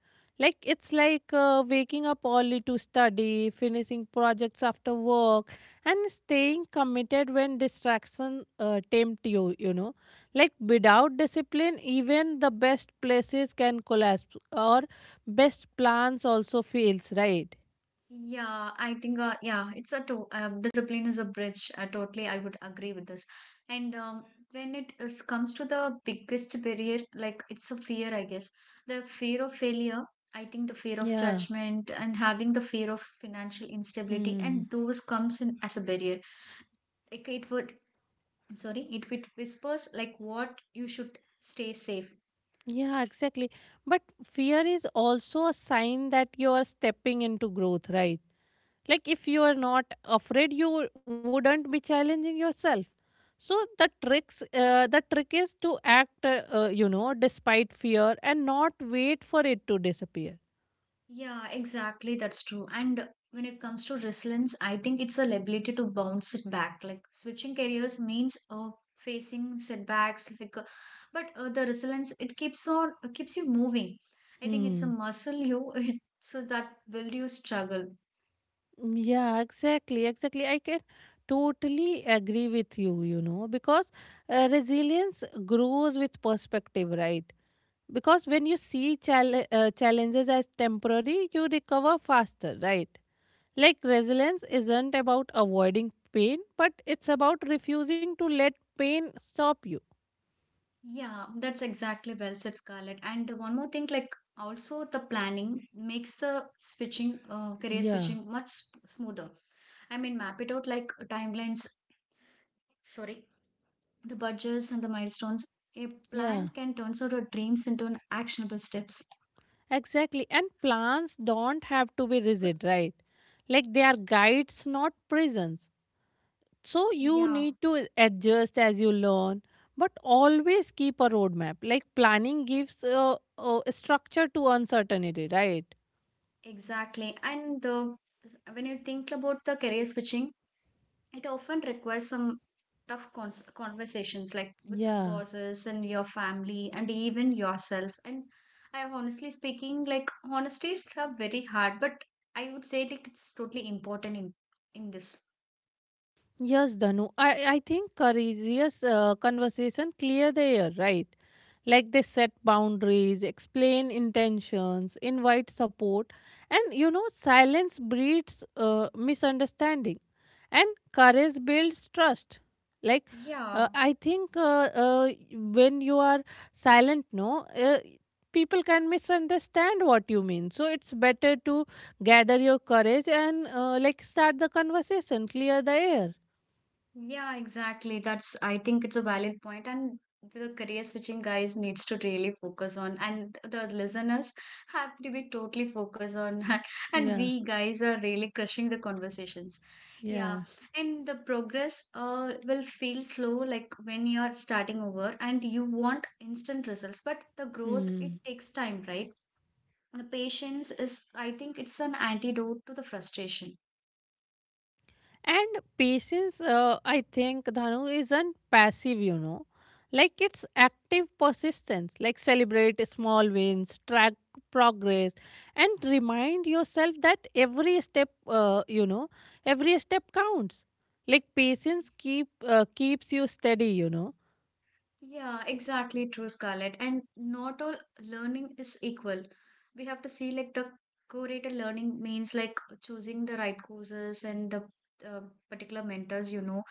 Speaker 2: Like, it's like waking up early to study, finishing projects after work, and staying committed when distractions tempt you, you know. Like, without discipline, even the best places can collapse, or best plans also fails, right?
Speaker 1: Yeah, I think yeah, it's a to- discipline is a bridge. Totally, I would agree with this. And when it is, comes to the biggest barrier, like it's a fear, I guess. The fear of failure, I think the fear of
Speaker 2: Yeah.
Speaker 1: judgment and having the fear of financial instability,
Speaker 2: Hmm.
Speaker 1: and those comes in as a barrier. Like it would, sorry, it would whispers like what you should stay safe.
Speaker 2: Yeah, exactly. But fear is also a sign that you are stepping into growth, right? Like if you are not afraid, you wouldn't be challenging yourself. So the tricks, the trick is to act, you know, despite fear and not wait for it to disappear.
Speaker 1: Yeah, exactly. That's true. And when it comes to resilience, I think it's the ability to bounce it back. Like switching careers means facing setbacks, like, but the resilience it keeps you moving. I think it's a
Speaker 2: Hmm.
Speaker 1: muscle you so that will you struggle.
Speaker 2: Yeah, exactly, exactly. I can totally agree with you, you know, because resilience grows with perspective, right? Because when you see challenges as temporary, you recover faster, right? Like resilience isn't about avoiding pain, but it's about refusing to let pain stop you.
Speaker 1: Yeah, that's exactly well said, Scarlett. And the one more thing, like also the planning makes the switching career
Speaker 2: Yeah,
Speaker 1: switching much s- smoother. I mean, map it out like timelines. Sorry the budgets and the milestones, a
Speaker 2: yeah,
Speaker 1: plan can turn sort of dreams into an actionable steps.
Speaker 2: exactly. And plans don't have to be rigid, right? Like they are guides, not prisons. So you
Speaker 1: Yeah,
Speaker 2: need to adjust as you learn, but always keep a roadmap. Like planning gives structure to uncertainty, right?
Speaker 1: exactly. And the, when you think about the career switching, it often requires some tough cons- conversations like with
Speaker 2: Yeah.
Speaker 1: bosses and your family and even yourself. And I have honestly speaking, like honesty is a very hard, but I would say like it's totally important in this.
Speaker 2: Yes, Danu. I think courageous conversation clear the air, right? Like they set boundaries, explain intentions, invite support, and you know, silence breeds misunderstanding, and courage builds trust. Like,
Speaker 1: Yeah.
Speaker 2: I think when you are silent, no, people can misunderstand what you mean. So it's better to gather your courage and like start the conversation, clear the air.
Speaker 1: Yeah, exactly. That's, I think it's a valid point, and the career switching guys needs to really focus on, and the listeners have to be totally focused on, and
Speaker 2: Yeah,
Speaker 1: we guys are really crushing the conversations. Yeah,
Speaker 2: yeah.
Speaker 1: and the progress will feel slow like when you are starting over, and you want instant results, but the growth it
Speaker 2: Hmm.
Speaker 1: takes time, right? The patience is, I think, it's an antidote to the frustration.
Speaker 2: And patience, I think, Dhanu, isn't passive, you know. Like it's active persistence, like celebrate small wins, track progress, and remind yourself that every step, you know, every step counts. Like patience keeps you steady, you know.
Speaker 1: Yeah, exactly true, Scarlett. And not all learning is equal. We have to see like the curated learning means like choosing the right courses and the uh, particular mentors, you know,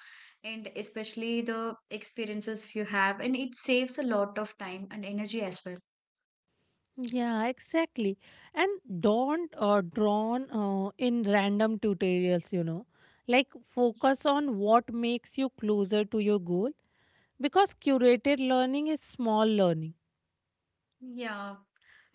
Speaker 1: and especially the experiences you have. And it saves a lot of time and energy as well.
Speaker 2: Yeah, exactly. And don't drawn in random tutorials, you know. Like focus on what makes you closer to your goal, because curated learning is small learning.
Speaker 1: Yeah,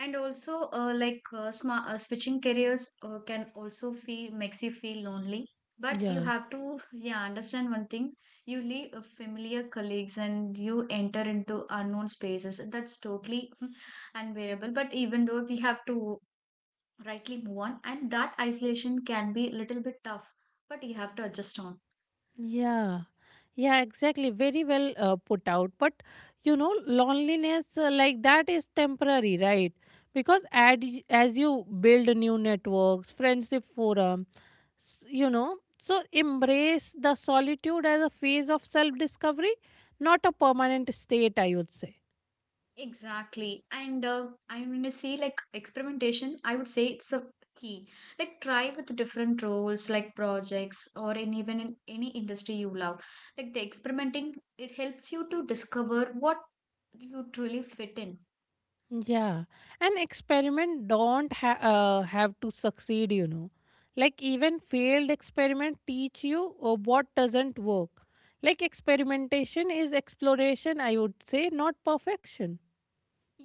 Speaker 1: and also like sma switching careers can also feel makes you feel lonely. But you
Speaker 2: Yeah.
Speaker 1: have to yeah understand one thing. You leave familiar colleagues and you enter into unknown spaces. That's totally unbearable. But even though we have to rightly move on, and that isolation can be a little bit tough. But you have to adjust on.
Speaker 2: Yeah, yeah, exactly. Very well put out. But you know, loneliness like that is temporary, right? Because as you build new networks, friendship forum, you know, so embrace the solitude as a phase of self discovery, not a permanent state, I would say.
Speaker 1: Exactly. And I going to say like experimentation, I would say it's a key. Like try with different roles, like projects or in even in any industry you love. Like the experimenting, it helps you to discover what you truly fit in.
Speaker 2: Yeah, and experiment don't have to succeed, you know. Like even failed experiment teach you what doesn't work. Like experimentation is exploration, I would say, not perfection.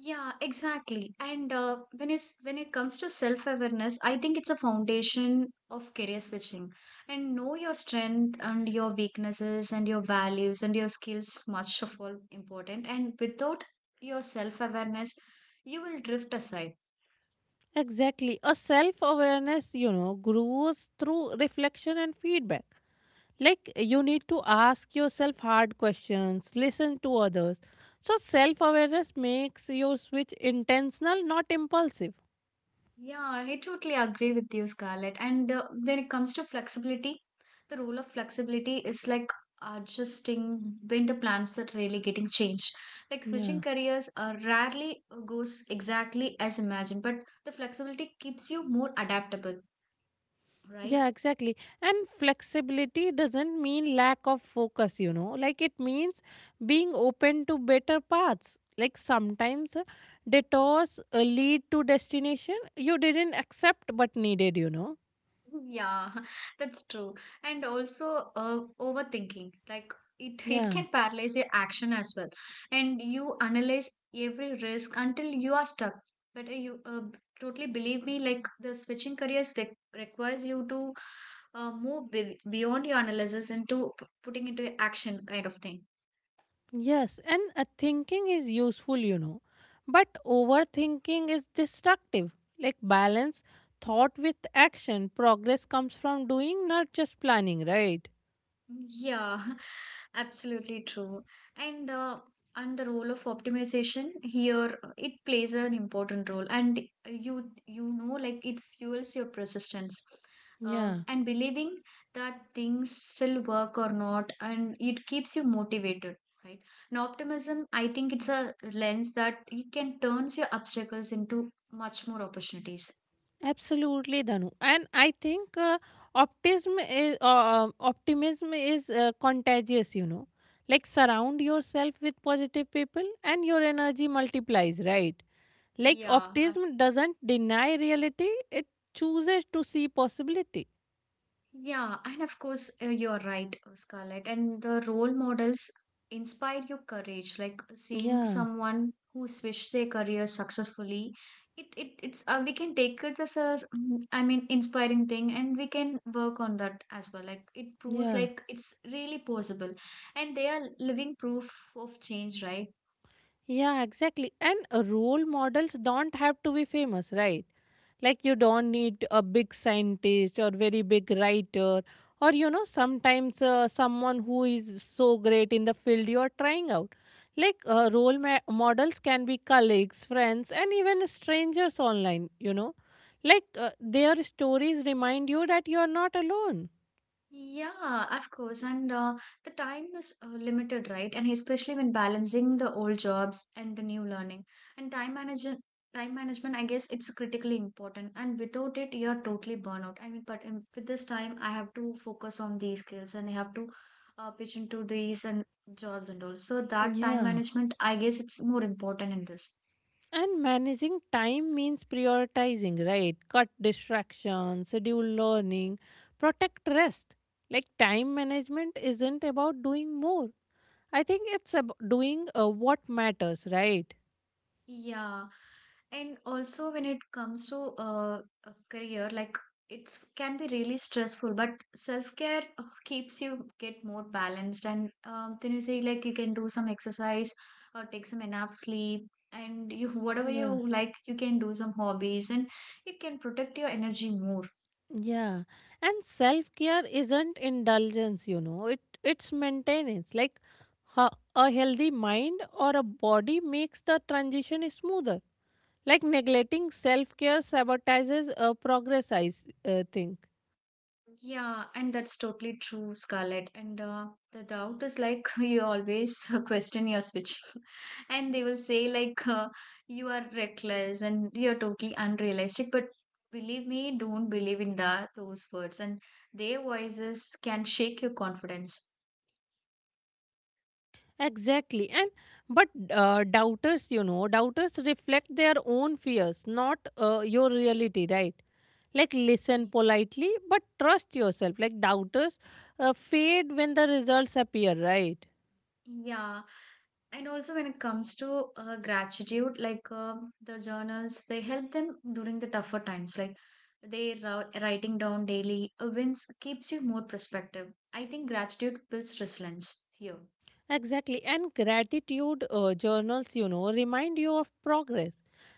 Speaker 1: Yeah, exactly. And when it's when it comes to self-awareness, I think it's a foundation of career switching. And know your strength and your weaknesses and your values and your skills much of all important. And without your self-awareness, you will drift aside.
Speaker 2: Exactly. A self-awareness, you know, grows through reflection and feedback. Like you need to ask yourself hard questions, listen to others. So self-awareness makes your switch intentional, not impulsive.
Speaker 1: Yeah, I totally agree with you, Scarlett. And when it comes to flexibility, the role of flexibility is like adjusting when the plans are really getting changed. Like
Speaker 2: Yeah.
Speaker 1: switching careers rarely goes exactly as imagined, but the flexibility keeps you more adaptable, right?
Speaker 2: Yeah, exactly. And flexibility doesn't mean lack of focus, you know. Like it means being open to better paths. Like sometimes detours lead to destination you didn't accept but needed, you know.
Speaker 1: Yeah, that's true. And also overthinking. Like it it
Speaker 2: Yeah.
Speaker 1: can paralyze your action as well. And you analyze every risk until you are stuck. But you totally believe me, like the switching careers re requires you to move be beyond your analysis into p- putting into action kind of thing.
Speaker 2: Yes, and thinking is useful, you know. But overthinking is destructive. Like balance thought with action. Progress comes from doing, not just planning, right?
Speaker 1: Yeah, absolutely true. And uh, and the role of optimization here, it plays an important role, and you you know, like it fuels your persistence.
Speaker 2: Yeah.
Speaker 1: And believing that things still work or not, and it keeps you motivated, right? And optimism, I think it's a lens that you can turns your obstacles into much more opportunities.
Speaker 2: Absolutely, Danu. And I think optimism is contagious. You know, like surround yourself with positive people, and your energy multiplies, right? Like
Speaker 1: Yeah.
Speaker 2: optimism doesn't deny reality; it chooses to see possibility.
Speaker 1: Yeah, and of course, you're right, Scarlett. And the role models inspire your courage. Like seeing
Speaker 2: Yeah,
Speaker 1: someone who switched their career successfully, it it's we can take it as a, s- I mean, inspiring thing, and we can work on that as well. Like it proves
Speaker 2: yeah.
Speaker 1: like it's really possible, and they are living proof of change, right?
Speaker 2: Yeah, exactly. And role models don't have to be famous, right? Like you don't need a big scientist or very big writer or you know sometimes someone who is so great in the field you are trying out. Like models can be colleagues, friends and even strangers online, you know. Like their stories remind you that you are not alone.
Speaker 1: Yeah, of course. And the time is limited, right? And especially when balancing the old jobs and the new learning. And time management, I guess it's critically important. And without it, you're totally burnout. I mean, but with this time, I have to focus on these skills and I have to pitch into these and jobs and all. So that time
Speaker 2: Yeah.
Speaker 1: management, I guess it's more important in this.
Speaker 2: And managing time means prioritizing, right? Cut distractions, schedule learning, protect rest. Like time management isn't about doing more. I think it's about doing what matters, right?
Speaker 1: Yeah. And also when it comes to a career, like it can be really stressful, but self-care keeps you get more balanced. And then you say like you can do some exercise or take some enough sleep. And you, whatever
Speaker 2: Yeah.
Speaker 1: you like, you can do some hobbies and it can protect your energy more.
Speaker 2: Yeah. And self-care isn't indulgence, you know. It's maintenance. Like a healthy mind or a body makes the transition smoother. Like neglecting self-care sabotages progress, I think.
Speaker 1: Yeah, and that's totally true, Scarlett. And the doubt is like you always question your switch, and they will say like you are reckless and you are totally unrealistic. But believe me, don't believe in that those words, and their voices can shake your confidence.
Speaker 2: Exactly. And but doubters, you know, doubters reflect their own fears, not your reality, right? Like listen
Speaker 1: Yeah.
Speaker 2: politely, but trust yourself. Like doubters fade when the results appear, right?
Speaker 1: Yeah, and also, when it comes to gratitude, like the journals, they help them during the tougher times. Like they ra- writing down daily wins keeps you more perspective. I think gratitude builds resilience here.
Speaker 2: Exactly. And gratitude journals, you know, remind you of progress.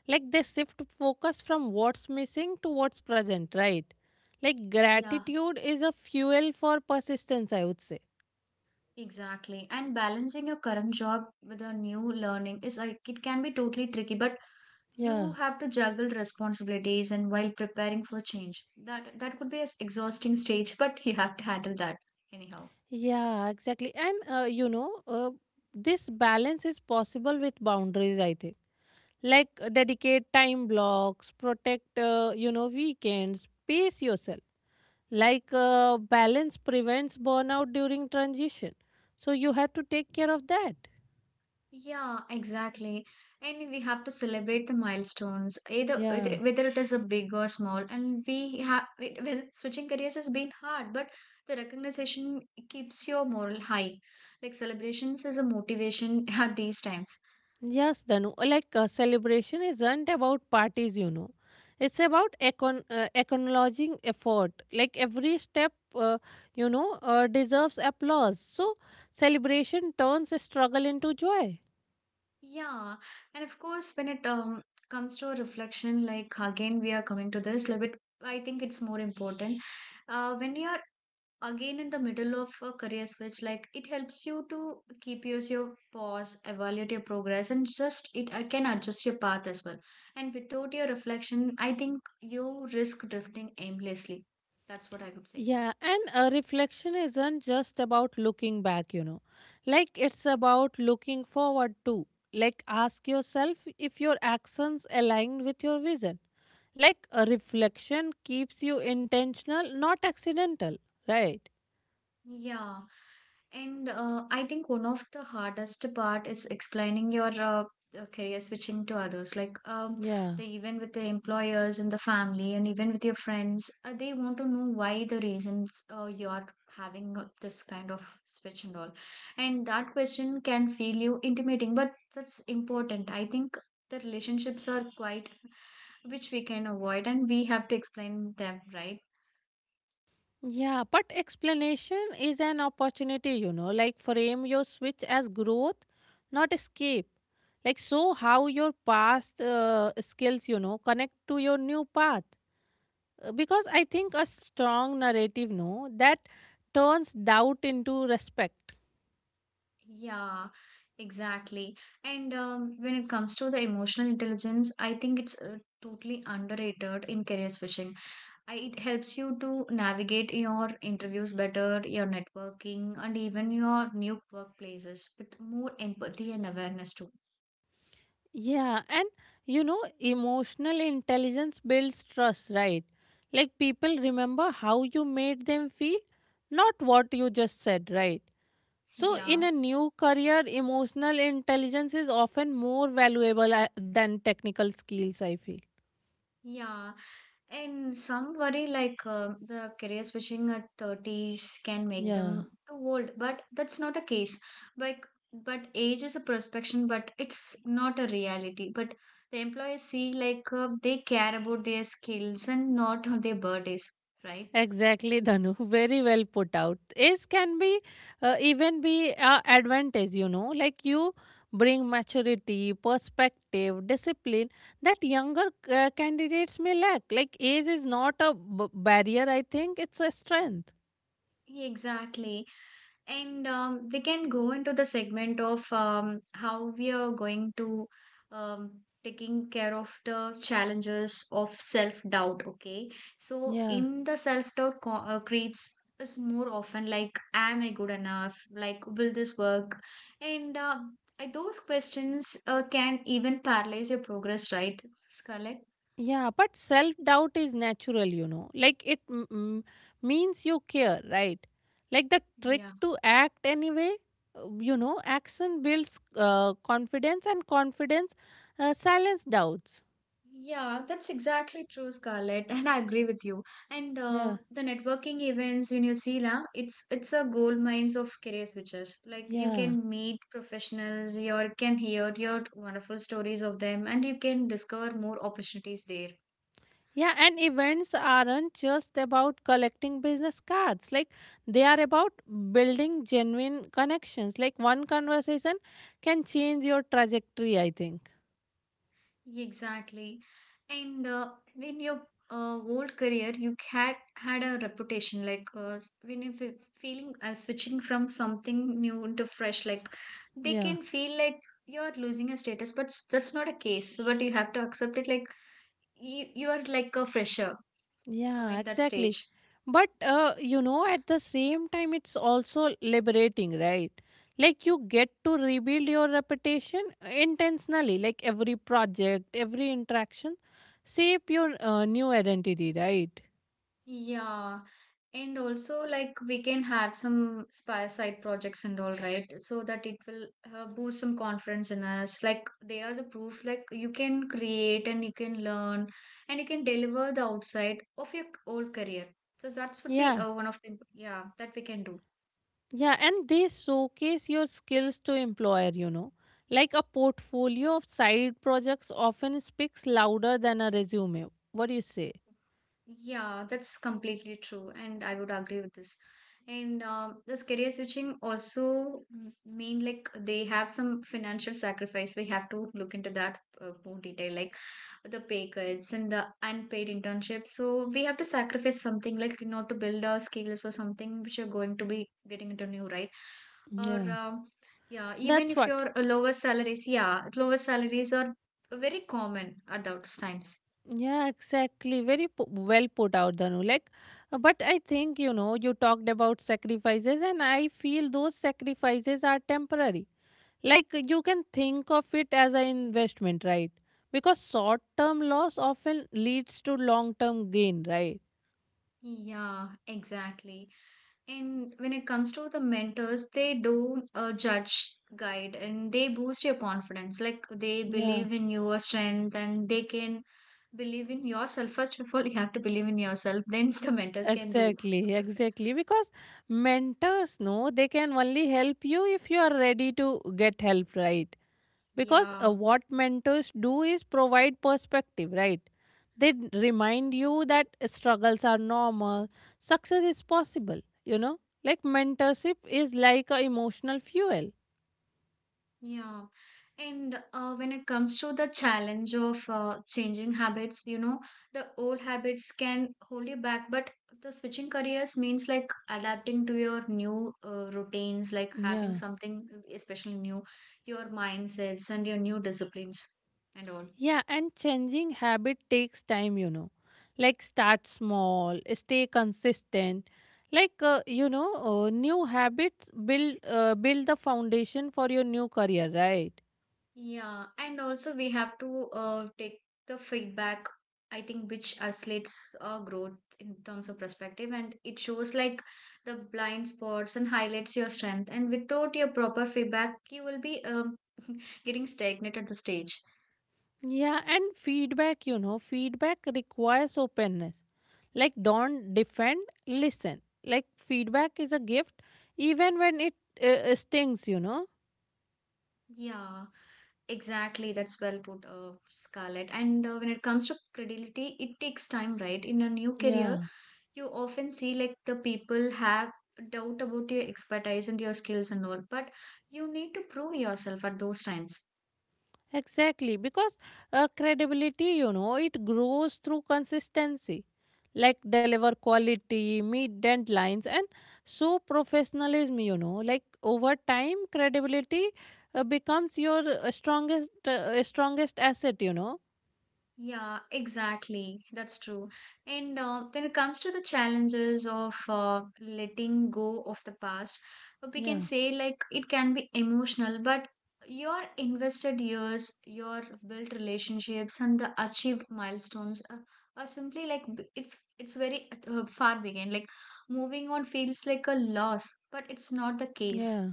Speaker 2: Like they shift focus from what's missing to what's present, right? Like
Speaker 1: Yeah,
Speaker 2: gratitude is a fuel for persistence, I would say.
Speaker 1: exactly. And balancing your current job with a new learning is like it can be totally tricky, but
Speaker 2: Yeah.
Speaker 1: you have to juggle responsibilities and while preparing for change. That could be a exhausting stage, but you have to handle that anyhow.
Speaker 2: Yeah, exactly. And this balance is possible with boundaries, I think. Like dedicate time blocks, protect, weekends, pace yourself. Like balance prevents burnout during transition. So you have to take care of that.
Speaker 1: Yeah, exactly. And we have to celebrate the milestones, either whether
Speaker 2: Yeah.
Speaker 1: whether it is a big or small. And we have it, well, switching careers has been hard, but the recognition keeps your moral high. Like celebrations is a motivation at these times.
Speaker 2: Yes, Danu. Like celebration isn't about parties, you know. It's about acknowledging effort. Like every step, deserves applause. So celebration turns struggle into joy.
Speaker 1: Yeah, and of course, when it comes to a reflection, like again we are coming to this, like it, I think it's more important. When you are again in the middle of a career switch like it helps you to keep yours your pause evaluate your progress and just it can adjust your path as well and without your reflection I think you risk drifting aimlessly that's what I would say.
Speaker 2: Yeah, and a reflection isn't just about looking back, you know. Like it's about looking forward too. Like ask yourself if your actions align with your vision. Like a reflection keeps you intentional, not accidental, right?
Speaker 1: Yeah. And I think one of the hardest part is explaining your career switching to others. Like
Speaker 2: Yeah.
Speaker 1: the even with the employers and the family, and even with your friends, they want to know why the reasons you're having this kind of switch and all. And that question can feel you intimidating, but that's important. I think the relationships are quite which we can avoid, and we have to explain them, right?
Speaker 2: Yeah, but explanation is an opportunity, you know. Like frame your switch as growth, not escape. Like so how your past skills, you know, connect to your new path. Because I think a strong narrative, no, that turns doubt into respect.
Speaker 1: Yeah, exactly. And When it comes to the emotional intelligence, I think it's totally underrated in career switching. It helps you to navigate your interviews better, your networking, and even your new workplaces with more empathy and awareness too.
Speaker 2: Yeah, and you know, emotional intelligence builds trust, right? Like people remember how you made them feel, not what you just said, right? So, in
Speaker 1: Yeah,
Speaker 2: a new career, emotional intelligence is often more valuable than technical skills, I feel.
Speaker 1: yeah. And some worry like the career switching at 30s can make
Speaker 2: Yeah.
Speaker 1: them too old, but that's not a case. Like, but age is a perception, but it's not a reality. But the employees see like they care about their skills and not their birthdays, right?
Speaker 2: Exactly, Dhanu. Very well put out. Age can be even be advantage. You know, like you bring maturity, perspective, discipline that younger candidates may lack. Like age is not a barrier. I think it's a strength.
Speaker 1: Exactly. And We can go into the segment of how we are going to taking care of the challenges of self-doubt. Okay, so
Speaker 2: Yeah.
Speaker 1: in the self-doubt creeps is more often like, am I good enough? Like, will this work? And Those questions can even paralyze your progress, right, Scarlett?
Speaker 2: Yeah, but self doubt is natural, you know. Like it means you care, right? Like the trick
Speaker 1: Yeah.
Speaker 2: to act anyway, action builds confidence and confidence silence doubts.
Speaker 1: Yeah, that's exactly true, Scarlett, and I agree with you. And
Speaker 2: Yeah,
Speaker 1: the networking events in New Zealand, it's a gold mines of career switches. Like you
Speaker 2: yeah.
Speaker 1: can meet professionals, you can hear your wonderful stories of them, and you can discover more opportunities there.
Speaker 2: Yeah, and events aren't just about collecting business cards. Like they are about building genuine connections. Like one conversation can change your trajectory, I think.
Speaker 1: Exactly. And in your old career, you had had a reputation like when you feeling switching from something new into fresh, like they
Speaker 2: Yeah.
Speaker 1: can feel like you're losing a status, but that's not a case. But you have to accept it like you are like a fresher. So
Speaker 2: Yeah,
Speaker 1: in that
Speaker 2: exactly.
Speaker 1: stage,
Speaker 2: But you know, at the same time, it's also liberating, right? Like you get to rebuild your reputation intentionally, like every project, every interaction, shape your new identity, right?
Speaker 1: yeah. And also, like, we can have some spy side projects and all, right? So that it will boost some confidence in us. Like, they are the proof, like, you can create and you can learn and you can deliver the outside of your old career. So that would be
Speaker 2: Yeah,
Speaker 1: one of the that we can do.
Speaker 2: yeah, and they showcase your skills to employer, you know. Like a portfolio of side projects often speaks louder than a resume. What do you say?
Speaker 1: Yeah, that's completely true, and I would agree with this. And This career switching also mean like they have some financial sacrifice. We have to look into that more detail, like the pay cuts and the unpaid internships. So we have to sacrifice something, like you know, to build our skills or something which you're going to be getting into new, right? Or
Speaker 2: Yeah.
Speaker 1: um, yeah, Even
Speaker 2: That's
Speaker 1: if
Speaker 2: what.
Speaker 1: you're lower salaries, yeah, lower salaries are very common at those times.
Speaker 2: Yeah, exactly. Very well put out, Danu. Like, but I think you know you talked about sacrifices, and I feel those sacrifices are temporary. Like you can think of it as an investment, right? Because short-term loss often leads to long-term gain, right?
Speaker 1: Yeah, exactly. And when it comes to the mentors, they don't judge, guide, and they boost your confidence. Like they
Speaker 2: Yeah.
Speaker 1: believe in your strength and they can believe in yourself. First of all, you have to believe in yourself, then the mentors can do.
Speaker 2: Exactly, exactly. Because mentors know they can only help you if you are ready to get help, right? Because
Speaker 1: Yeah.
Speaker 2: what mentors do is provide perspective, right? They remind you that struggles are normal, success is possible, you know. Like mentorship is like a emotional fuel.
Speaker 1: Yeah, and when it comes to the challenge of changing habits, you know, the old habits can hold you back, but the switching careers means like adapting to your new routines, like having
Speaker 2: yeah
Speaker 1: something especially new, your mindsets and your new disciplines and all.
Speaker 2: yeah and changing habit takes time, you know. Like start small, stay consistent. Like new habits build the foundation for your new career, right?
Speaker 1: Yeah, and also we have to take the feedback, I think, which isolates our growth in terms of perspective and it shows like the blind spots and highlights your strength. And without your proper feedback, you will be getting stagnant at the stage.
Speaker 2: Yeah, and feedback, you know, feedback requires openness. Like, don't defend, listen. Like, feedback is a gift, even when it stings, you know.
Speaker 1: Yeah, exactly. That's well put, Scarlett. And when it comes to credibility, it takes time, right? In a new career,
Speaker 2: Yeah,
Speaker 1: you often see like the people have doubt about your expertise and your skills and all but you need to prove yourself at those times.
Speaker 2: exactly. Because credibility, you know, it grows through consistency. Like, deliver quality, meet deadlines, and show professionalism, you know. Like, over time, credibility becomes your strongest asset, you know.
Speaker 1: Yeah, exactly. That's true. And when it comes to the challenges of letting go of the past, we can
Speaker 2: Yeah,
Speaker 1: say like it can be emotional, but your invested years, your built relationships, and the achieved milestones are simply like it's very far begin. Like moving on feels like a loss, but it's not the case.
Speaker 2: yeah.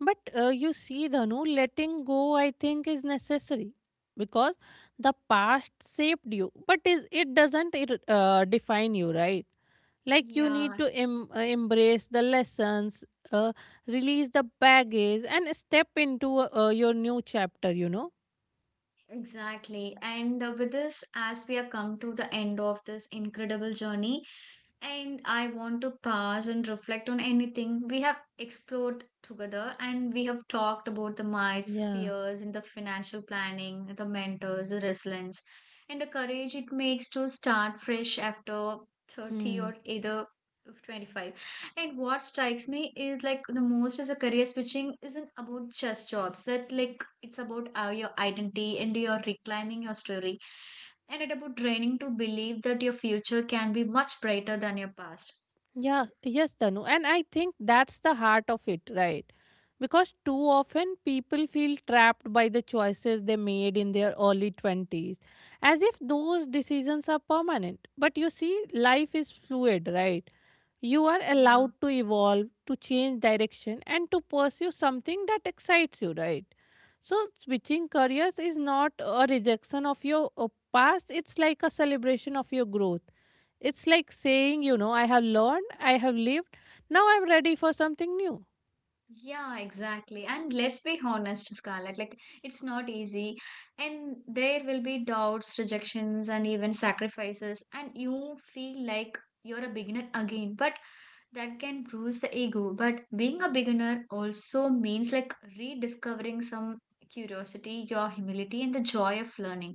Speaker 2: But you see, Dhanu, letting go, I think, is necessary because the past shaped you, but it doesn't define you, right? Like you need
Speaker 1: Yeah,
Speaker 2: to embrace the lessons, uh, release the baggage, and step into your new chapter, you know?
Speaker 1: exactly. And with this, as we are come to the end of this incredible journey, and I want to pause and reflect on anything we have explored together, and we have talked about the myths,
Speaker 2: Yeah.
Speaker 1: fears, and the financial planning, the mentors, the resilience, and the courage it makes to start fresh after 30
Speaker 2: Hmm.
Speaker 1: or either of 25. And what strikes me is like the most is a career switching isn't about just jobs. That like it's about your identity and your reclaiming your story, and it about training to believe that your future can be much brighter than your past.
Speaker 2: Yeah, yes, Tanu. And I think that's the heart of it, right? Because too often people feel trapped by the choices they made in their early 20s, as if those decisions are permanent. But you see, life is fluid, right? You are
Speaker 1: Yeah,
Speaker 2: allowed to evolve, to change direction, and to pursue something that excites you, right? So, switching careers is not a rejection of your past, it's like a celebration of your growth. It's like saying, you know, I have learned, I have lived, now I'm ready for something new.
Speaker 1: yeah, exactly. And let's be honest, Scarlett. Like it's not easy, and there will be doubts, rejections, and even sacrifices. And you feel like you're a beginner again, but that can bruise the ego but being a beginner also means like rediscovering some curiosity your humility and the joy of learning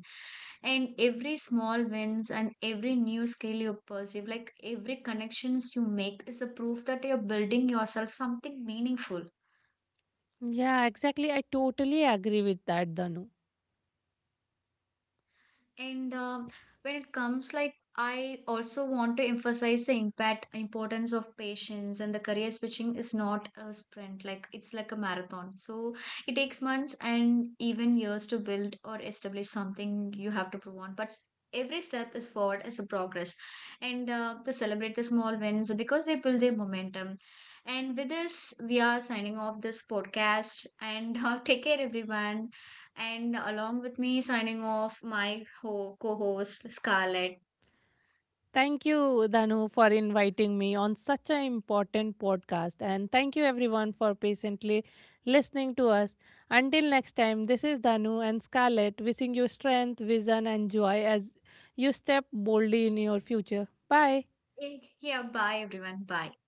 Speaker 1: and every small wins and every new skill you perceive like every connections you make is a proof that you're building yourself something meaningful.
Speaker 2: Yeah, exactly. I totally agree with that, Danu.
Speaker 1: And When it comes, like, I also want to emphasize the impact importance of patience and the career switching is not a sprint, like it's like a marathon. So it takes months and even years to build or establish something you have to prove on. Every step is forward as a progress, and to celebrate the small wins because they build their momentum. And with this, we are signing off this podcast. And take care, everyone. And along with me, signing off, my co host, Scarlett.
Speaker 2: Thank you, Danu, for inviting me on such an important podcast. And thank you, everyone, for patiently listening to us. Until next time, this is Danu and Scarlett wishing you strength, vision, and joy as you step boldly in your future. Bye.
Speaker 1: Yeah, bye everyone. Bye.